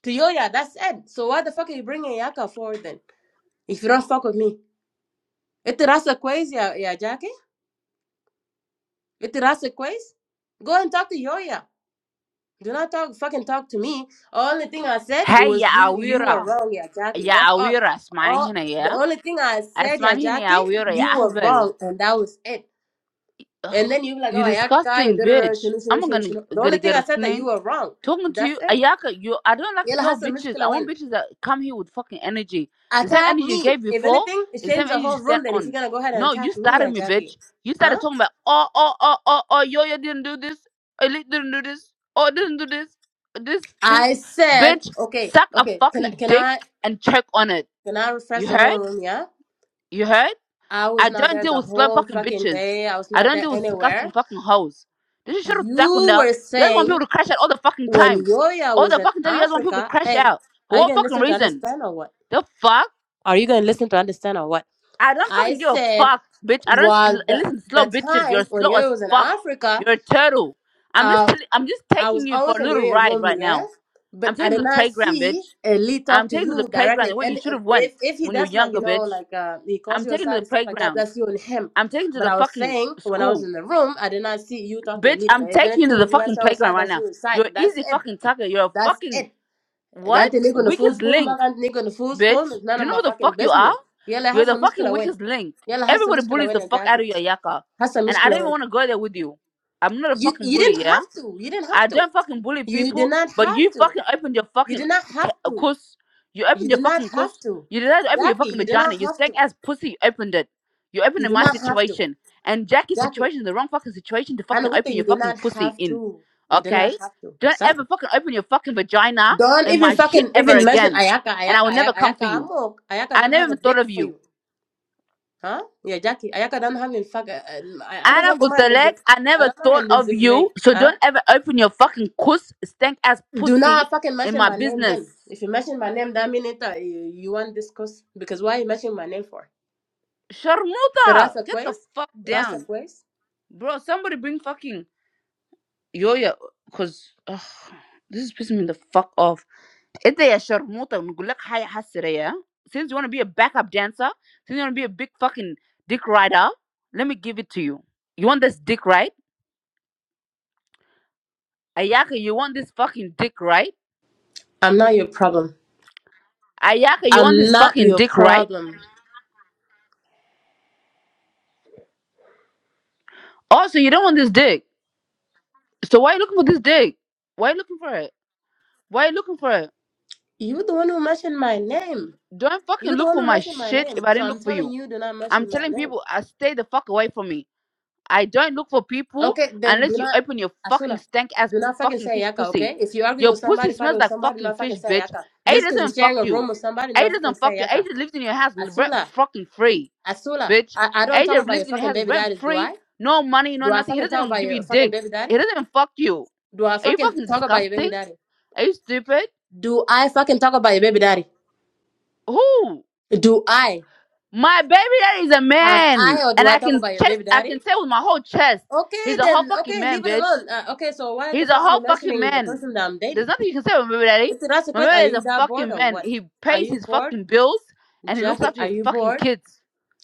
Speaker 4: To Yoya, that's it. So what the fuck are you bringing Yaka for then? If you don't fuck with me. It rasa quiz, ya, ya Jackie. It rasa quiz. Go and talk to Yoya. Do not talk fucking talk to me. Only thing I said
Speaker 1: Hey, ya
Speaker 4: was you you were
Speaker 1: awira.
Speaker 4: wrong, yeah, Jackie.
Speaker 1: Ya
Speaker 4: That's all.
Speaker 1: awira, اسمعني
Speaker 4: All
Speaker 1: هنا
Speaker 4: the
Speaker 1: يا
Speaker 4: only thing I said, yeah,
Speaker 1: اسمعني هنا يا
Speaker 4: Jackie,
Speaker 1: awira, ya
Speaker 4: you were
Speaker 1: ahbal.
Speaker 4: wrong, and that was it. And then you be like,
Speaker 1: You
Speaker 4: oh, Yaka,
Speaker 1: disgusting bitch.
Speaker 4: shunu, shunu,
Speaker 1: I'm
Speaker 4: shunu,
Speaker 1: gonna
Speaker 4: shunu. The
Speaker 1: gonna
Speaker 4: only thing
Speaker 1: get
Speaker 4: I said that
Speaker 1: a
Speaker 4: you were wrong.
Speaker 1: Talking to
Speaker 4: That's
Speaker 1: you,
Speaker 4: it.
Speaker 1: Ayaka, you I don't like
Speaker 4: Yella
Speaker 1: slow bitches.
Speaker 4: مشكلة
Speaker 1: I want
Speaker 4: وين.
Speaker 1: bitches that come here with fucking energy. The same
Speaker 4: Attack
Speaker 1: energy you
Speaker 4: me.
Speaker 1: gave
Speaker 4: If
Speaker 1: before,
Speaker 4: anything, it
Speaker 1: is the same
Speaker 4: changes the
Speaker 1: energy you
Speaker 4: whole
Speaker 1: stand
Speaker 4: room. Then if you're
Speaker 1: on.
Speaker 4: gonna go ahead and
Speaker 1: No, you
Speaker 4: attack me,
Speaker 1: started
Speaker 4: yeah,
Speaker 1: me, bitch.
Speaker 4: Jackie,
Speaker 1: You started
Speaker 4: huh?
Speaker 1: talking about oh oh oh oh oh yo yo didn't do this, elite didn't do this, oh didn't do this, this this
Speaker 4: I said,
Speaker 1: bitch
Speaker 4: okay,
Speaker 1: suck a
Speaker 4: okay. Can I
Speaker 1: fucking
Speaker 4: can
Speaker 1: dick
Speaker 4: I
Speaker 1: and check on it.
Speaker 4: can I refresh
Speaker 1: You
Speaker 4: the
Speaker 1: heard?
Speaker 4: whole room? Yeah,
Speaker 1: You heard?
Speaker 4: I
Speaker 1: I
Speaker 4: was not
Speaker 1: don't
Speaker 4: there
Speaker 1: deal
Speaker 4: the
Speaker 1: with slum
Speaker 4: whole
Speaker 1: fucking
Speaker 4: fucking
Speaker 1: bitches.
Speaker 4: day. I was
Speaker 1: I
Speaker 4: not
Speaker 1: don't
Speaker 4: there
Speaker 1: deal with
Speaker 4: anywhere.
Speaker 1: disgusting fucking hoes. This is shit with
Speaker 4: You
Speaker 1: Dakunda.
Speaker 4: were
Speaker 1: You guys want people
Speaker 4: saying
Speaker 1: to crash out all the fucking
Speaker 4: when
Speaker 1: time.
Speaker 4: Yoya
Speaker 1: All
Speaker 4: was
Speaker 1: the
Speaker 4: in
Speaker 1: fucking time you guys want people to
Speaker 4: Africa,
Speaker 1: crash
Speaker 4: hey,
Speaker 1: out. For
Speaker 4: are you
Speaker 1: what
Speaker 4: gonna
Speaker 1: fucking
Speaker 4: listen to
Speaker 1: reason?
Speaker 4: understand or what?
Speaker 1: The fuck?
Speaker 4: Are you gonna listen to understand or what?
Speaker 1: I don't
Speaker 4: I
Speaker 1: fucking give a
Speaker 4: said,
Speaker 1: fuck, bitch. I don't sl-
Speaker 4: while the
Speaker 1: listen to slow
Speaker 4: the
Speaker 1: bitches. You're
Speaker 4: time when
Speaker 1: slow as
Speaker 4: Yoya was in
Speaker 1: fuck.
Speaker 4: Africa.
Speaker 1: You're a turtle. I'm just
Speaker 4: uh,
Speaker 1: tell- I'm just
Speaker 4: I
Speaker 1: taking
Speaker 4: was
Speaker 1: you for
Speaker 4: always
Speaker 1: a
Speaker 4: in
Speaker 1: little
Speaker 4: your
Speaker 1: ride
Speaker 4: room,
Speaker 1: right
Speaker 4: yes,
Speaker 1: now. I'm
Speaker 4: but I
Speaker 1: taking you
Speaker 4: did
Speaker 1: to the
Speaker 4: not
Speaker 1: playground,
Speaker 4: see
Speaker 1: bitch.
Speaker 4: uh, Lee talk
Speaker 1: I'm
Speaker 4: to
Speaker 1: taking you to the
Speaker 4: you
Speaker 1: playground
Speaker 4: directly.
Speaker 1: where you
Speaker 4: And
Speaker 1: should
Speaker 4: uh,
Speaker 1: have went
Speaker 4: if if he
Speaker 1: when you were
Speaker 4: does like
Speaker 1: younger,
Speaker 4: you know
Speaker 1: bitch.
Speaker 4: like uh, he calls
Speaker 1: I'm
Speaker 4: you
Speaker 1: taking you
Speaker 4: aside
Speaker 1: to the
Speaker 4: and stuff like that,
Speaker 1: playground.
Speaker 4: that's you and him.
Speaker 1: I'm taking you to
Speaker 4: But
Speaker 1: the
Speaker 4: I was
Speaker 1: fucking
Speaker 4: saying when I was
Speaker 1: school.
Speaker 4: in the room, I did not see you talk to
Speaker 1: Bitch,
Speaker 4: Elite.
Speaker 1: I'm
Speaker 4: Like, if
Speaker 1: taking you to
Speaker 4: anything,
Speaker 1: the
Speaker 4: if you
Speaker 1: fucking
Speaker 4: guys are
Speaker 1: playground
Speaker 4: outside,
Speaker 1: right
Speaker 4: that's
Speaker 1: now.
Speaker 4: you inside.
Speaker 1: You're
Speaker 4: That's
Speaker 1: easy
Speaker 4: it.
Speaker 1: fucking target. You're a
Speaker 4: That's
Speaker 1: fucking
Speaker 4: it.
Speaker 1: what?
Speaker 4: Ganti nigga in the full
Speaker 1: Weakest
Speaker 4: school, ma
Speaker 1: link,
Speaker 4: ganti nigga in the full school.
Speaker 1: bitch.
Speaker 4: It's none
Speaker 1: Do you
Speaker 4: of
Speaker 1: know
Speaker 4: my
Speaker 1: who the
Speaker 4: fucking
Speaker 1: fuck you are?
Speaker 4: business. Yalla
Speaker 1: You're
Speaker 4: has
Speaker 1: the
Speaker 4: a
Speaker 1: fucking
Speaker 4: muskula win.
Speaker 1: weakest link.
Speaker 4: Yalla has a
Speaker 1: Everybody
Speaker 4: muskula
Speaker 1: bullies the
Speaker 4: win,
Speaker 1: fuck out
Speaker 4: Jackie.
Speaker 1: of your yaka.
Speaker 4: Has a
Speaker 1: And I don't even
Speaker 4: win.
Speaker 1: want to go there with you. I'm not a
Speaker 4: You
Speaker 1: fucking
Speaker 4: you
Speaker 1: bully,
Speaker 4: didn't
Speaker 1: yeah?
Speaker 4: have to. You didn't
Speaker 1: I
Speaker 4: have to.
Speaker 1: don't fucking bully
Speaker 4: You
Speaker 1: people,
Speaker 4: did not
Speaker 1: but
Speaker 4: have
Speaker 1: you
Speaker 4: to.
Speaker 1: fucking opened your
Speaker 4: You
Speaker 1: fucking
Speaker 4: do not have
Speaker 1: ca-
Speaker 4: to.
Speaker 1: cuss. You opened
Speaker 4: You do
Speaker 1: your
Speaker 4: not
Speaker 1: fucking
Speaker 4: have
Speaker 1: cuss.
Speaker 4: to.
Speaker 1: You decided to open your
Speaker 4: Jackie,
Speaker 1: fucking
Speaker 4: you do
Speaker 1: vagina.
Speaker 4: not
Speaker 1: You
Speaker 4: have
Speaker 1: stank
Speaker 4: to.
Speaker 1: ass pussy opened it. You opened
Speaker 4: You
Speaker 1: in
Speaker 4: do
Speaker 1: my
Speaker 4: not have to.
Speaker 1: situation. And Jackie's
Speaker 4: Jackie,
Speaker 1: situation is the wrong fucking situation to
Speaker 4: I know
Speaker 1: fucking
Speaker 4: good
Speaker 1: open
Speaker 4: thing
Speaker 1: your
Speaker 4: you do
Speaker 1: fucking
Speaker 4: not
Speaker 1: pussy
Speaker 4: have
Speaker 1: in.
Speaker 4: to. You do not
Speaker 1: Okay?
Speaker 4: have to.
Speaker 1: Don't
Speaker 4: Sir?
Speaker 1: ever fucking open your fucking vagina
Speaker 4: Don't
Speaker 1: in
Speaker 4: even
Speaker 1: my shit
Speaker 4: fucking
Speaker 1: ever
Speaker 4: even mention
Speaker 1: again.
Speaker 4: Ayaka,
Speaker 1: And I
Speaker 4: Ayaka,
Speaker 1: will never
Speaker 4: Ayaka,
Speaker 1: come for
Speaker 4: Ayaka.
Speaker 1: you.
Speaker 4: I'm ok. Ayaka
Speaker 1: I
Speaker 4: don't
Speaker 1: never
Speaker 4: have a
Speaker 1: even thought
Speaker 4: dick
Speaker 1: of
Speaker 4: for
Speaker 1: you.
Speaker 4: you. Huh? Yeah, Jackie, Ayaka don't have a fuck. uh, uh, I know
Speaker 1: Anna
Speaker 4: that mind is
Speaker 1: Gutelek, I
Speaker 4: I
Speaker 1: never
Speaker 4: don't
Speaker 1: thought
Speaker 4: mind this
Speaker 1: of
Speaker 4: zip
Speaker 1: you.
Speaker 4: lake.
Speaker 1: So
Speaker 4: Huh?
Speaker 1: don't ever open your fucking cuss, stank ass
Speaker 4: Do
Speaker 1: pussy
Speaker 4: not fucking
Speaker 1: in
Speaker 4: mention
Speaker 1: my
Speaker 4: my name then.
Speaker 1: business.
Speaker 4: If you mention my name, that means it, uh, you, you want this cause. Because why you mention my name for?
Speaker 1: Sharmuta,
Speaker 4: Terasa
Speaker 1: get the
Speaker 4: Quest?
Speaker 1: fuck
Speaker 4: Rasa
Speaker 1: down,
Speaker 4: Quest?
Speaker 1: bro. Somebody bring fucking Yoya, cause ugh, this is pissing me the fuck off. If they are Sharmuta, نقولك حاجة حسرة يا. Since you wanna be a backup dancer, since you wanna be a big fucking dick rider, let me give it to you. You want this dick right? Ayaka, you want this fucking dick right?
Speaker 4: I'm not your problem.
Speaker 1: Ayaka, you want this
Speaker 4: I'm not
Speaker 1: fucking
Speaker 4: your
Speaker 1: dick right?
Speaker 4: problem.
Speaker 1: Also, you don't want this dick. So why are you looking for this dick? Why are you looking for it? Why are you looking for it?
Speaker 4: You're the one who mentioned my name.
Speaker 1: Don't fucking
Speaker 4: You're the
Speaker 1: look
Speaker 4: one
Speaker 1: for
Speaker 4: who
Speaker 1: my
Speaker 4: mentioned my
Speaker 1: shit if
Speaker 4: name.
Speaker 1: I
Speaker 4: So
Speaker 1: didn't
Speaker 4: I'm
Speaker 1: look for
Speaker 4: telling
Speaker 1: you.
Speaker 4: you, do not
Speaker 1: I'm
Speaker 4: mention my
Speaker 1: telling
Speaker 4: name.
Speaker 1: people, I stay the fuck away from me. I don't look for people
Speaker 4: Okay, then do
Speaker 1: unless you
Speaker 4: not,
Speaker 1: open your fucking
Speaker 4: Asula,
Speaker 1: stank ass
Speaker 4: do not fucking
Speaker 1: fucking
Speaker 4: say
Speaker 1: fish
Speaker 4: Yaka,
Speaker 1: pussy.
Speaker 4: okay? If you're arguing
Speaker 1: Your
Speaker 4: with
Speaker 1: pussy
Speaker 4: somebody, fighting
Speaker 1: smells
Speaker 4: with
Speaker 1: like
Speaker 4: somebody, do
Speaker 1: fucking
Speaker 4: not fucking
Speaker 1: fish,
Speaker 4: say
Speaker 1: bitch.
Speaker 4: Yaka.
Speaker 1: A
Speaker 4: Just because you're
Speaker 1: doesn't fuck
Speaker 4: sharing a
Speaker 1: you.
Speaker 4: room with somebody, do
Speaker 1: A
Speaker 4: not fucking
Speaker 1: doesn't fuck
Speaker 4: say
Speaker 1: you. A
Speaker 4: Yaka.
Speaker 1: just lives in your house rent
Speaker 4: Asula,
Speaker 1: fucking free,
Speaker 4: Asula,
Speaker 1: bitch.
Speaker 4: I, I don't
Speaker 1: A
Speaker 4: talk
Speaker 1: just
Speaker 4: about your
Speaker 1: lives in your
Speaker 4: fucking
Speaker 1: house
Speaker 4: baby
Speaker 1: rent
Speaker 4: daddies, do
Speaker 1: free.
Speaker 4: I?
Speaker 1: No money, no
Speaker 4: Do I
Speaker 1: nothing. He
Speaker 4: fucking
Speaker 1: doesn't
Speaker 4: talk
Speaker 1: even
Speaker 4: about
Speaker 1: give you
Speaker 4: your fucking
Speaker 1: dick.
Speaker 4: baby daddy?
Speaker 1: He doesn't even fuck you.
Speaker 4: Do I
Speaker 1: Are you
Speaker 4: fucking
Speaker 1: fucking
Speaker 4: talk about your baby
Speaker 1: disgusting?
Speaker 4: daddy?
Speaker 1: Are you stupid?
Speaker 4: Do I fucking talk about your baby daddy?
Speaker 1: Who?
Speaker 4: Do I?
Speaker 1: My baby daddy is a
Speaker 4: Have
Speaker 1: man,
Speaker 4: I or
Speaker 1: and
Speaker 4: do I
Speaker 1: I
Speaker 4: talk
Speaker 1: can
Speaker 4: about your
Speaker 1: chest,
Speaker 4: baby
Speaker 1: I
Speaker 4: daddy?
Speaker 1: can say with my whole chest,
Speaker 4: Okay,
Speaker 1: he's a whole
Speaker 4: then.
Speaker 1: fucking
Speaker 4: Okay,
Speaker 1: man,
Speaker 4: leave it
Speaker 1: bitch.
Speaker 4: alone. Uh, okay, so why the
Speaker 1: He's a
Speaker 4: fuck are you
Speaker 1: whole fucking
Speaker 4: mentioning the
Speaker 1: man.
Speaker 4: person that I'm
Speaker 1: There's
Speaker 4: dating?
Speaker 1: nothing you can say about my baby daddy.
Speaker 4: It's a that's the
Speaker 1: My baby
Speaker 4: question. Are
Speaker 1: daddy is
Speaker 4: you
Speaker 1: a
Speaker 4: that bored
Speaker 1: fucking
Speaker 4: or
Speaker 1: man.
Speaker 4: what?
Speaker 1: He
Speaker 4: Are
Speaker 1: pays
Speaker 4: you
Speaker 1: his
Speaker 4: bored,
Speaker 1: fucking bills and he looks
Speaker 4: Jackie?
Speaker 1: after
Speaker 4: Are
Speaker 1: his
Speaker 4: you
Speaker 1: fucking
Speaker 4: bored?
Speaker 1: kids.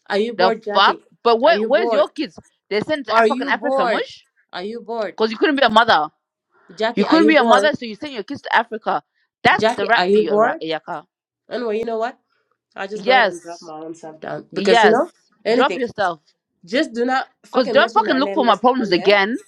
Speaker 4: Are you
Speaker 1: The
Speaker 4: bored,
Speaker 1: fuck?
Speaker 4: Jackie?
Speaker 1: But
Speaker 4: Are
Speaker 1: where,
Speaker 4: you
Speaker 1: where's your
Speaker 4: bored?
Speaker 1: kids? They sent to Af-
Speaker 4: Are
Speaker 1: fucking
Speaker 4: you
Speaker 1: Africa,
Speaker 4: bored?
Speaker 1: mush?
Speaker 4: Are you bored,
Speaker 1: Cause you couldn't be a mother. You
Speaker 4: Jackie? Are
Speaker 1: couldn't
Speaker 4: you
Speaker 1: be a
Speaker 4: bored,
Speaker 1: mother, so you send your kids to Africa. That's the
Speaker 4: Jackie?
Speaker 1: rap
Speaker 4: Are
Speaker 1: for
Speaker 4: you
Speaker 1: you, Iraq
Speaker 4: bored?
Speaker 1: Iyaka.
Speaker 4: Anyway, you know what? I'll just go ahead and drop
Speaker 1: Yes,
Speaker 4: my own stuff down because you know
Speaker 1: yes. Drop
Speaker 4: anything.
Speaker 1: yourself.
Speaker 4: Just do not
Speaker 1: Because
Speaker 4: fucking
Speaker 1: don't
Speaker 4: mention
Speaker 1: fucking
Speaker 4: my
Speaker 1: look for
Speaker 4: name
Speaker 1: my
Speaker 4: next
Speaker 1: problems
Speaker 4: time, yeah.
Speaker 1: again.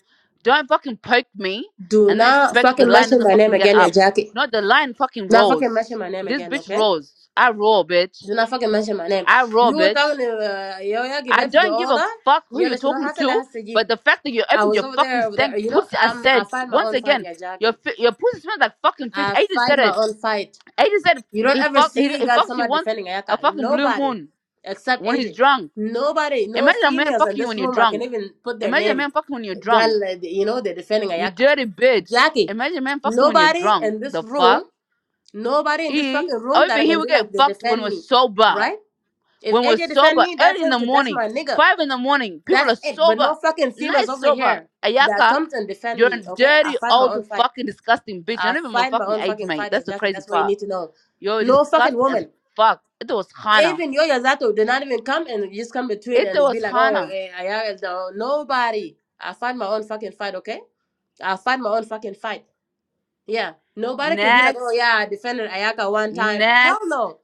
Speaker 1: Don't fucking poke me
Speaker 4: Do
Speaker 1: and then
Speaker 4: not
Speaker 1: expect the
Speaker 4: fucking
Speaker 1: lion
Speaker 4: mention
Speaker 1: doesn't
Speaker 4: my name
Speaker 1: fucking get
Speaker 4: again, yeah,
Speaker 1: up.
Speaker 4: Jackie.
Speaker 1: No, the lion fucking
Speaker 4: Do Not fucking mention
Speaker 1: roars.
Speaker 4: my name
Speaker 1: This
Speaker 4: again,
Speaker 1: bitch
Speaker 4: okay?
Speaker 1: roars. I roar, bitch.
Speaker 4: Do not fucking mention my name.
Speaker 1: I roar,
Speaker 4: You were
Speaker 1: bitch.
Speaker 4: talking to uh, yo yo
Speaker 1: I
Speaker 4: Gibel for the
Speaker 1: don't give a
Speaker 4: order.
Speaker 1: fuck who
Speaker 4: You
Speaker 1: you're
Speaker 4: let you know
Speaker 1: talking
Speaker 4: how to
Speaker 1: to,
Speaker 4: let Sajid.
Speaker 1: but the fact that you
Speaker 4: I
Speaker 1: opened
Speaker 4: was
Speaker 1: your
Speaker 4: over
Speaker 1: fucking
Speaker 4: there, over there.
Speaker 1: stank
Speaker 4: You know,
Speaker 1: pussy, I
Speaker 4: I'm I
Speaker 1: said,
Speaker 4: fight my
Speaker 1: once
Speaker 4: own fight,
Speaker 1: again,
Speaker 4: yeah,
Speaker 1: your
Speaker 4: Jackie.
Speaker 1: fi- your pussy smells like fucking fish.
Speaker 4: I
Speaker 1: Aiden
Speaker 4: fight
Speaker 1: said
Speaker 4: my
Speaker 1: it.
Speaker 4: own fight.
Speaker 1: Aiden said
Speaker 4: You don't
Speaker 1: he,
Speaker 4: ever
Speaker 1: fuck, he,
Speaker 4: see
Speaker 1: he
Speaker 4: girl
Speaker 1: fucks you
Speaker 4: somebody
Speaker 1: once
Speaker 4: defending
Speaker 1: a
Speaker 4: Ayaka.
Speaker 1: fucking blue
Speaker 4: Nobody,
Speaker 1: moon
Speaker 4: except
Speaker 1: when he's
Speaker 4: AJ.
Speaker 1: drunk.
Speaker 4: Nobody, no
Speaker 1: Imagine a man
Speaker 4: females in
Speaker 1: fucking you
Speaker 4: this
Speaker 1: when you're
Speaker 4: room. I can
Speaker 1: drunk.
Speaker 4: even put their
Speaker 1: Imagine a
Speaker 4: name.
Speaker 1: man fucking when you're drunk.
Speaker 4: Girl, uh, you know they're defending
Speaker 1: You
Speaker 4: Ayaka.
Speaker 1: dirty bitch.
Speaker 4: Jackie.
Speaker 1: Imagine man fucking when you're
Speaker 4: Nobody
Speaker 1: drunk.
Speaker 4: in this
Speaker 1: The fuck?
Speaker 4: room Nobody in this
Speaker 1: E.
Speaker 4: fucking room
Speaker 1: Over
Speaker 4: that I
Speaker 1: here,
Speaker 4: can
Speaker 1: we
Speaker 4: be
Speaker 1: get
Speaker 4: like they
Speaker 1: fucked when
Speaker 4: defend
Speaker 1: we're
Speaker 4: me,
Speaker 1: sober.
Speaker 4: right? If
Speaker 1: When we're
Speaker 4: AJ defend
Speaker 1: sober,
Speaker 4: me, that's
Speaker 1: early in
Speaker 4: him,
Speaker 1: the
Speaker 4: cause that's
Speaker 1: morning,
Speaker 4: my nigga.
Speaker 1: 5 in the morning, people are
Speaker 4: That's it. But
Speaker 1: sober.
Speaker 4: no fucking females
Speaker 1: Nice
Speaker 4: over
Speaker 1: sober.
Speaker 4: here that
Speaker 1: Ayaka,
Speaker 4: comes and defend
Speaker 1: you're a
Speaker 4: me. Okay, I
Speaker 1: dirty,
Speaker 4: fight my
Speaker 1: old,
Speaker 4: own fight.
Speaker 1: fucking, disgusting bitch. You're
Speaker 4: I
Speaker 1: not even my
Speaker 4: fight my
Speaker 1: fucking
Speaker 4: own
Speaker 1: age,
Speaker 4: fucking
Speaker 1: mate.
Speaker 4: fight, yeah,
Speaker 1: That's the
Speaker 4: Jackie.
Speaker 1: crazy
Speaker 4: That's what you
Speaker 1: part.
Speaker 4: need to know.
Speaker 1: You're
Speaker 4: No fucking
Speaker 1: disgusting as
Speaker 4: woman.
Speaker 1: fuck. It was Hana.
Speaker 4: Even yo Yazato did not even come and just come between
Speaker 1: It
Speaker 4: and
Speaker 1: was
Speaker 4: be like, oh,
Speaker 1: Hana.
Speaker 4: eh, I, I, no, nobody. I fight my own fucking fight. Okay, I fight my own fucking fight. Yeah, nobody could be like, oh
Speaker 1: Next.
Speaker 4: yeah, I defended Ayaka one time. Hell
Speaker 1: Next.
Speaker 4: no.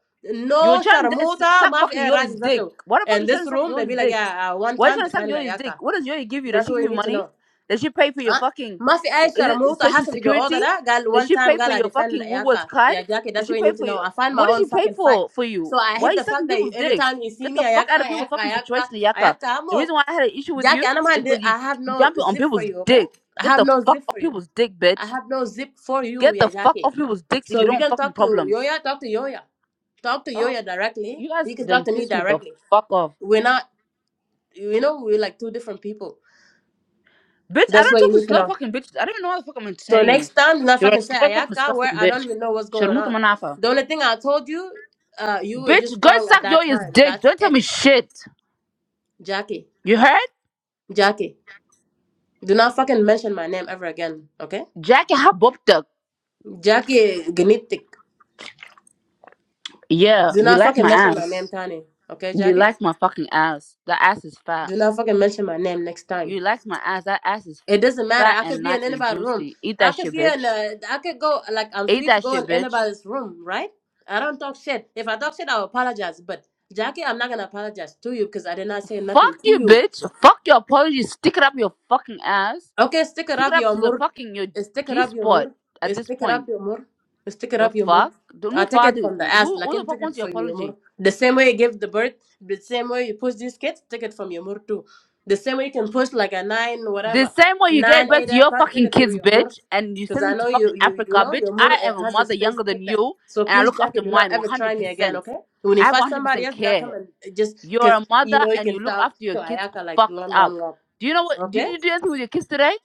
Speaker 1: You were
Speaker 4: No
Speaker 1: trying to dis-
Speaker 4: Sharamuta,
Speaker 1: suck
Speaker 4: Maf
Speaker 1: fucking
Speaker 4: and Raj
Speaker 1: Yoi's dick.
Speaker 4: Zato.
Speaker 1: Why the fuck
Speaker 4: And
Speaker 1: you trying
Speaker 4: this
Speaker 1: to suck
Speaker 4: room, they
Speaker 1: Yoi's
Speaker 4: be like,
Speaker 1: dick?
Speaker 4: yeah, uh, one
Speaker 1: Why you
Speaker 4: time
Speaker 1: trying to suck
Speaker 4: defended
Speaker 1: Yoi's
Speaker 4: Ayaka.
Speaker 1: dick? What does Yoi give you? Does
Speaker 4: That's
Speaker 1: she
Speaker 4: what
Speaker 1: give
Speaker 4: you
Speaker 1: you
Speaker 4: need to
Speaker 1: money?
Speaker 4: know.
Speaker 1: Does she pay for your
Speaker 4: Huh?
Speaker 1: fucking
Speaker 4: Mafi ay
Speaker 1: is it
Speaker 4: Sharamuta
Speaker 1: social
Speaker 4: has of your order
Speaker 1: security?
Speaker 4: that girl
Speaker 1: Does
Speaker 4: one
Speaker 1: she
Speaker 4: time
Speaker 1: pay for
Speaker 4: girl I
Speaker 1: your
Speaker 4: defended
Speaker 1: fucking Woolworths
Speaker 4: Ayaka.
Speaker 1: card?
Speaker 4: Yeah, Jackie,
Speaker 1: Does
Speaker 4: that's
Speaker 1: she
Speaker 4: what you
Speaker 1: pay
Speaker 4: need to
Speaker 1: for
Speaker 4: know.
Speaker 1: your
Speaker 4: I find my
Speaker 1: what does she
Speaker 4: own
Speaker 1: pay
Speaker 4: fucking fight.
Speaker 1: for for you?
Speaker 4: So I
Speaker 1: Why are
Speaker 4: hate
Speaker 1: you
Speaker 4: the fact
Speaker 1: sucking
Speaker 4: that you,
Speaker 1: people's
Speaker 4: every
Speaker 1: dick?
Speaker 4: time you see
Speaker 1: Get
Speaker 4: me,
Speaker 1: the fuck
Speaker 4: Ayaka,
Speaker 1: out of people's
Speaker 4: Ayaka,
Speaker 1: fucking
Speaker 4: Ayaka,
Speaker 1: situation, Yaka.
Speaker 4: Ayaka, I'm
Speaker 1: The
Speaker 4: okay.
Speaker 1: reason why I had an issue with
Speaker 4: Jackie,
Speaker 1: you
Speaker 4: and I'm
Speaker 1: is because you
Speaker 4: I have no
Speaker 1: jumping on
Speaker 4: zip for
Speaker 1: people's
Speaker 4: you, okay?
Speaker 1: dick.
Speaker 4: I
Speaker 1: Get
Speaker 4: have
Speaker 1: the
Speaker 4: no
Speaker 1: fuck
Speaker 4: zip
Speaker 1: off
Speaker 4: for you.
Speaker 1: people's dick,
Speaker 4: I
Speaker 1: bitch.
Speaker 4: have no zip for you,
Speaker 1: Get
Speaker 4: yeah,
Speaker 1: the fuck
Speaker 4: Jackie.
Speaker 1: off people's dicks if
Speaker 4: So
Speaker 1: you
Speaker 4: if
Speaker 1: don't
Speaker 4: you
Speaker 1: want
Speaker 4: can
Speaker 1: fucking
Speaker 4: talk to
Speaker 1: problems.
Speaker 4: Yoya, talk to Yoya. Talk to
Speaker 1: Oh.
Speaker 4: Yoya directly.
Speaker 1: You guys
Speaker 4: You can talk
Speaker 1: done
Speaker 4: to me
Speaker 1: pissed me the
Speaker 4: directly.
Speaker 1: fuck off.
Speaker 4: We're not, you know, we're like two different people.
Speaker 1: Bitch, I
Speaker 4: That's
Speaker 1: don't
Speaker 4: what
Speaker 1: talk
Speaker 4: you
Speaker 1: to
Speaker 4: need to
Speaker 1: slow
Speaker 4: know.
Speaker 1: fucking bitches. I don't even know what the fuck I'm
Speaker 4: So
Speaker 1: entertaining you.
Speaker 4: next time, do not
Speaker 1: You're a
Speaker 4: fucking say
Speaker 1: slow fucking
Speaker 4: Ayaka, where
Speaker 1: disgusting
Speaker 4: I don't
Speaker 1: bitch.
Speaker 4: even know what's going
Speaker 1: Sharmuta
Speaker 4: on.
Speaker 1: Manafa.
Speaker 4: The only thing I told you, uh, you were just
Speaker 1: Bitch, go
Speaker 4: wrong at
Speaker 1: suck your
Speaker 4: that
Speaker 1: ass
Speaker 4: time.
Speaker 1: dick.
Speaker 4: That's
Speaker 1: Don't tell me
Speaker 4: it,
Speaker 1: shit.
Speaker 4: Jackie.
Speaker 1: You heard?
Speaker 4: Jackie, do not fucking mention my name ever again, okay?
Speaker 1: Jackie Haboptuk.
Speaker 4: Jackie Genitik.
Speaker 1: Yeah,
Speaker 4: Do
Speaker 1: you
Speaker 4: not
Speaker 1: like
Speaker 4: fucking
Speaker 1: my
Speaker 4: mention my name,
Speaker 1: ass.
Speaker 4: Tani. Okay,
Speaker 1: You
Speaker 4: Jackie?
Speaker 1: like my fucking ass. That ass is fat.
Speaker 4: Do not fucking mention my name next time.
Speaker 1: You like my ass. That ass is
Speaker 4: It doesn't matter.
Speaker 1: fat
Speaker 4: I could
Speaker 1: and
Speaker 4: be in
Speaker 1: nice and
Speaker 4: anybody's room.
Speaker 1: juicy. Eat
Speaker 4: I
Speaker 1: that
Speaker 4: could
Speaker 1: shit,
Speaker 4: be in.
Speaker 1: bitch.
Speaker 4: A, I could go. Like I'm
Speaker 1: Eat
Speaker 4: free to
Speaker 1: that
Speaker 4: go
Speaker 1: shit,
Speaker 4: in
Speaker 1: bitch.
Speaker 4: anybody's room, right? I don't talk shit. If I talk shit, I'll apologize. But Jackie, I'm not gonna apologize to you because I did not say nothing
Speaker 1: Fuck
Speaker 4: to
Speaker 1: you,
Speaker 4: you.
Speaker 1: bitch. Fuck your apology. Stick it up your fucking ass.
Speaker 4: Okay, stick it
Speaker 1: Stick it
Speaker 4: up
Speaker 1: up
Speaker 4: your
Speaker 1: to the
Speaker 4: mur.
Speaker 1: fucking your
Speaker 4: Stick it
Speaker 1: G
Speaker 4: up your
Speaker 1: spot
Speaker 4: mur.
Speaker 1: at this
Speaker 4: Stick it up
Speaker 1: point.
Speaker 4: your mur. Stick it
Speaker 1: The
Speaker 4: up your mur.
Speaker 1: fuck? Don't
Speaker 4: I
Speaker 1: know
Speaker 4: take it
Speaker 1: father.
Speaker 4: from the
Speaker 1: Who
Speaker 4: ass, like
Speaker 1: who the
Speaker 4: in
Speaker 1: fuck
Speaker 4: take it
Speaker 1: wants your
Speaker 4: from your mur.
Speaker 1: apology?
Speaker 4: The same way you give the birth, the same way you push these kids, take it from your mur too. The same way you can push like a nine,
Speaker 1: The
Speaker 4: whatever,
Speaker 1: same way you gave
Speaker 4: nine,
Speaker 1: birth
Speaker 4: eight,
Speaker 1: to
Speaker 4: uh,
Speaker 1: your
Speaker 4: pa- take
Speaker 1: fucking
Speaker 4: it through
Speaker 1: kids,
Speaker 4: your mur.
Speaker 1: bitch, and you
Speaker 4: Because
Speaker 1: send
Speaker 4: I
Speaker 1: them to
Speaker 4: know
Speaker 1: fucking
Speaker 4: you, you, you
Speaker 1: Africa,
Speaker 4: know,
Speaker 1: bitch.
Speaker 4: your mur
Speaker 1: I am a
Speaker 4: uh, has the
Speaker 1: mother
Speaker 4: space
Speaker 1: younger
Speaker 4: to
Speaker 1: than
Speaker 4: take that.
Speaker 1: you,
Speaker 4: So
Speaker 1: and I
Speaker 4: please,
Speaker 1: look
Speaker 4: Jackie,
Speaker 1: after
Speaker 4: do not
Speaker 1: mine
Speaker 4: ever try me again,
Speaker 1: 100%.
Speaker 4: okay? When
Speaker 1: I
Speaker 4: you
Speaker 1: have
Speaker 4: fight somebody
Speaker 1: 100%
Speaker 4: else, do not come
Speaker 1: care.
Speaker 4: and just
Speaker 1: You're
Speaker 4: because
Speaker 1: a mother,
Speaker 4: you know you
Speaker 1: and
Speaker 4: can
Speaker 1: you look
Speaker 4: talk
Speaker 1: after your
Speaker 4: to
Speaker 1: kids
Speaker 4: Ayaka like
Speaker 1: fucked
Speaker 4: long,
Speaker 1: up.
Speaker 4: long, long.
Speaker 1: Do you know what? Did
Speaker 4: Okay?
Speaker 1: you do anything with your kids today?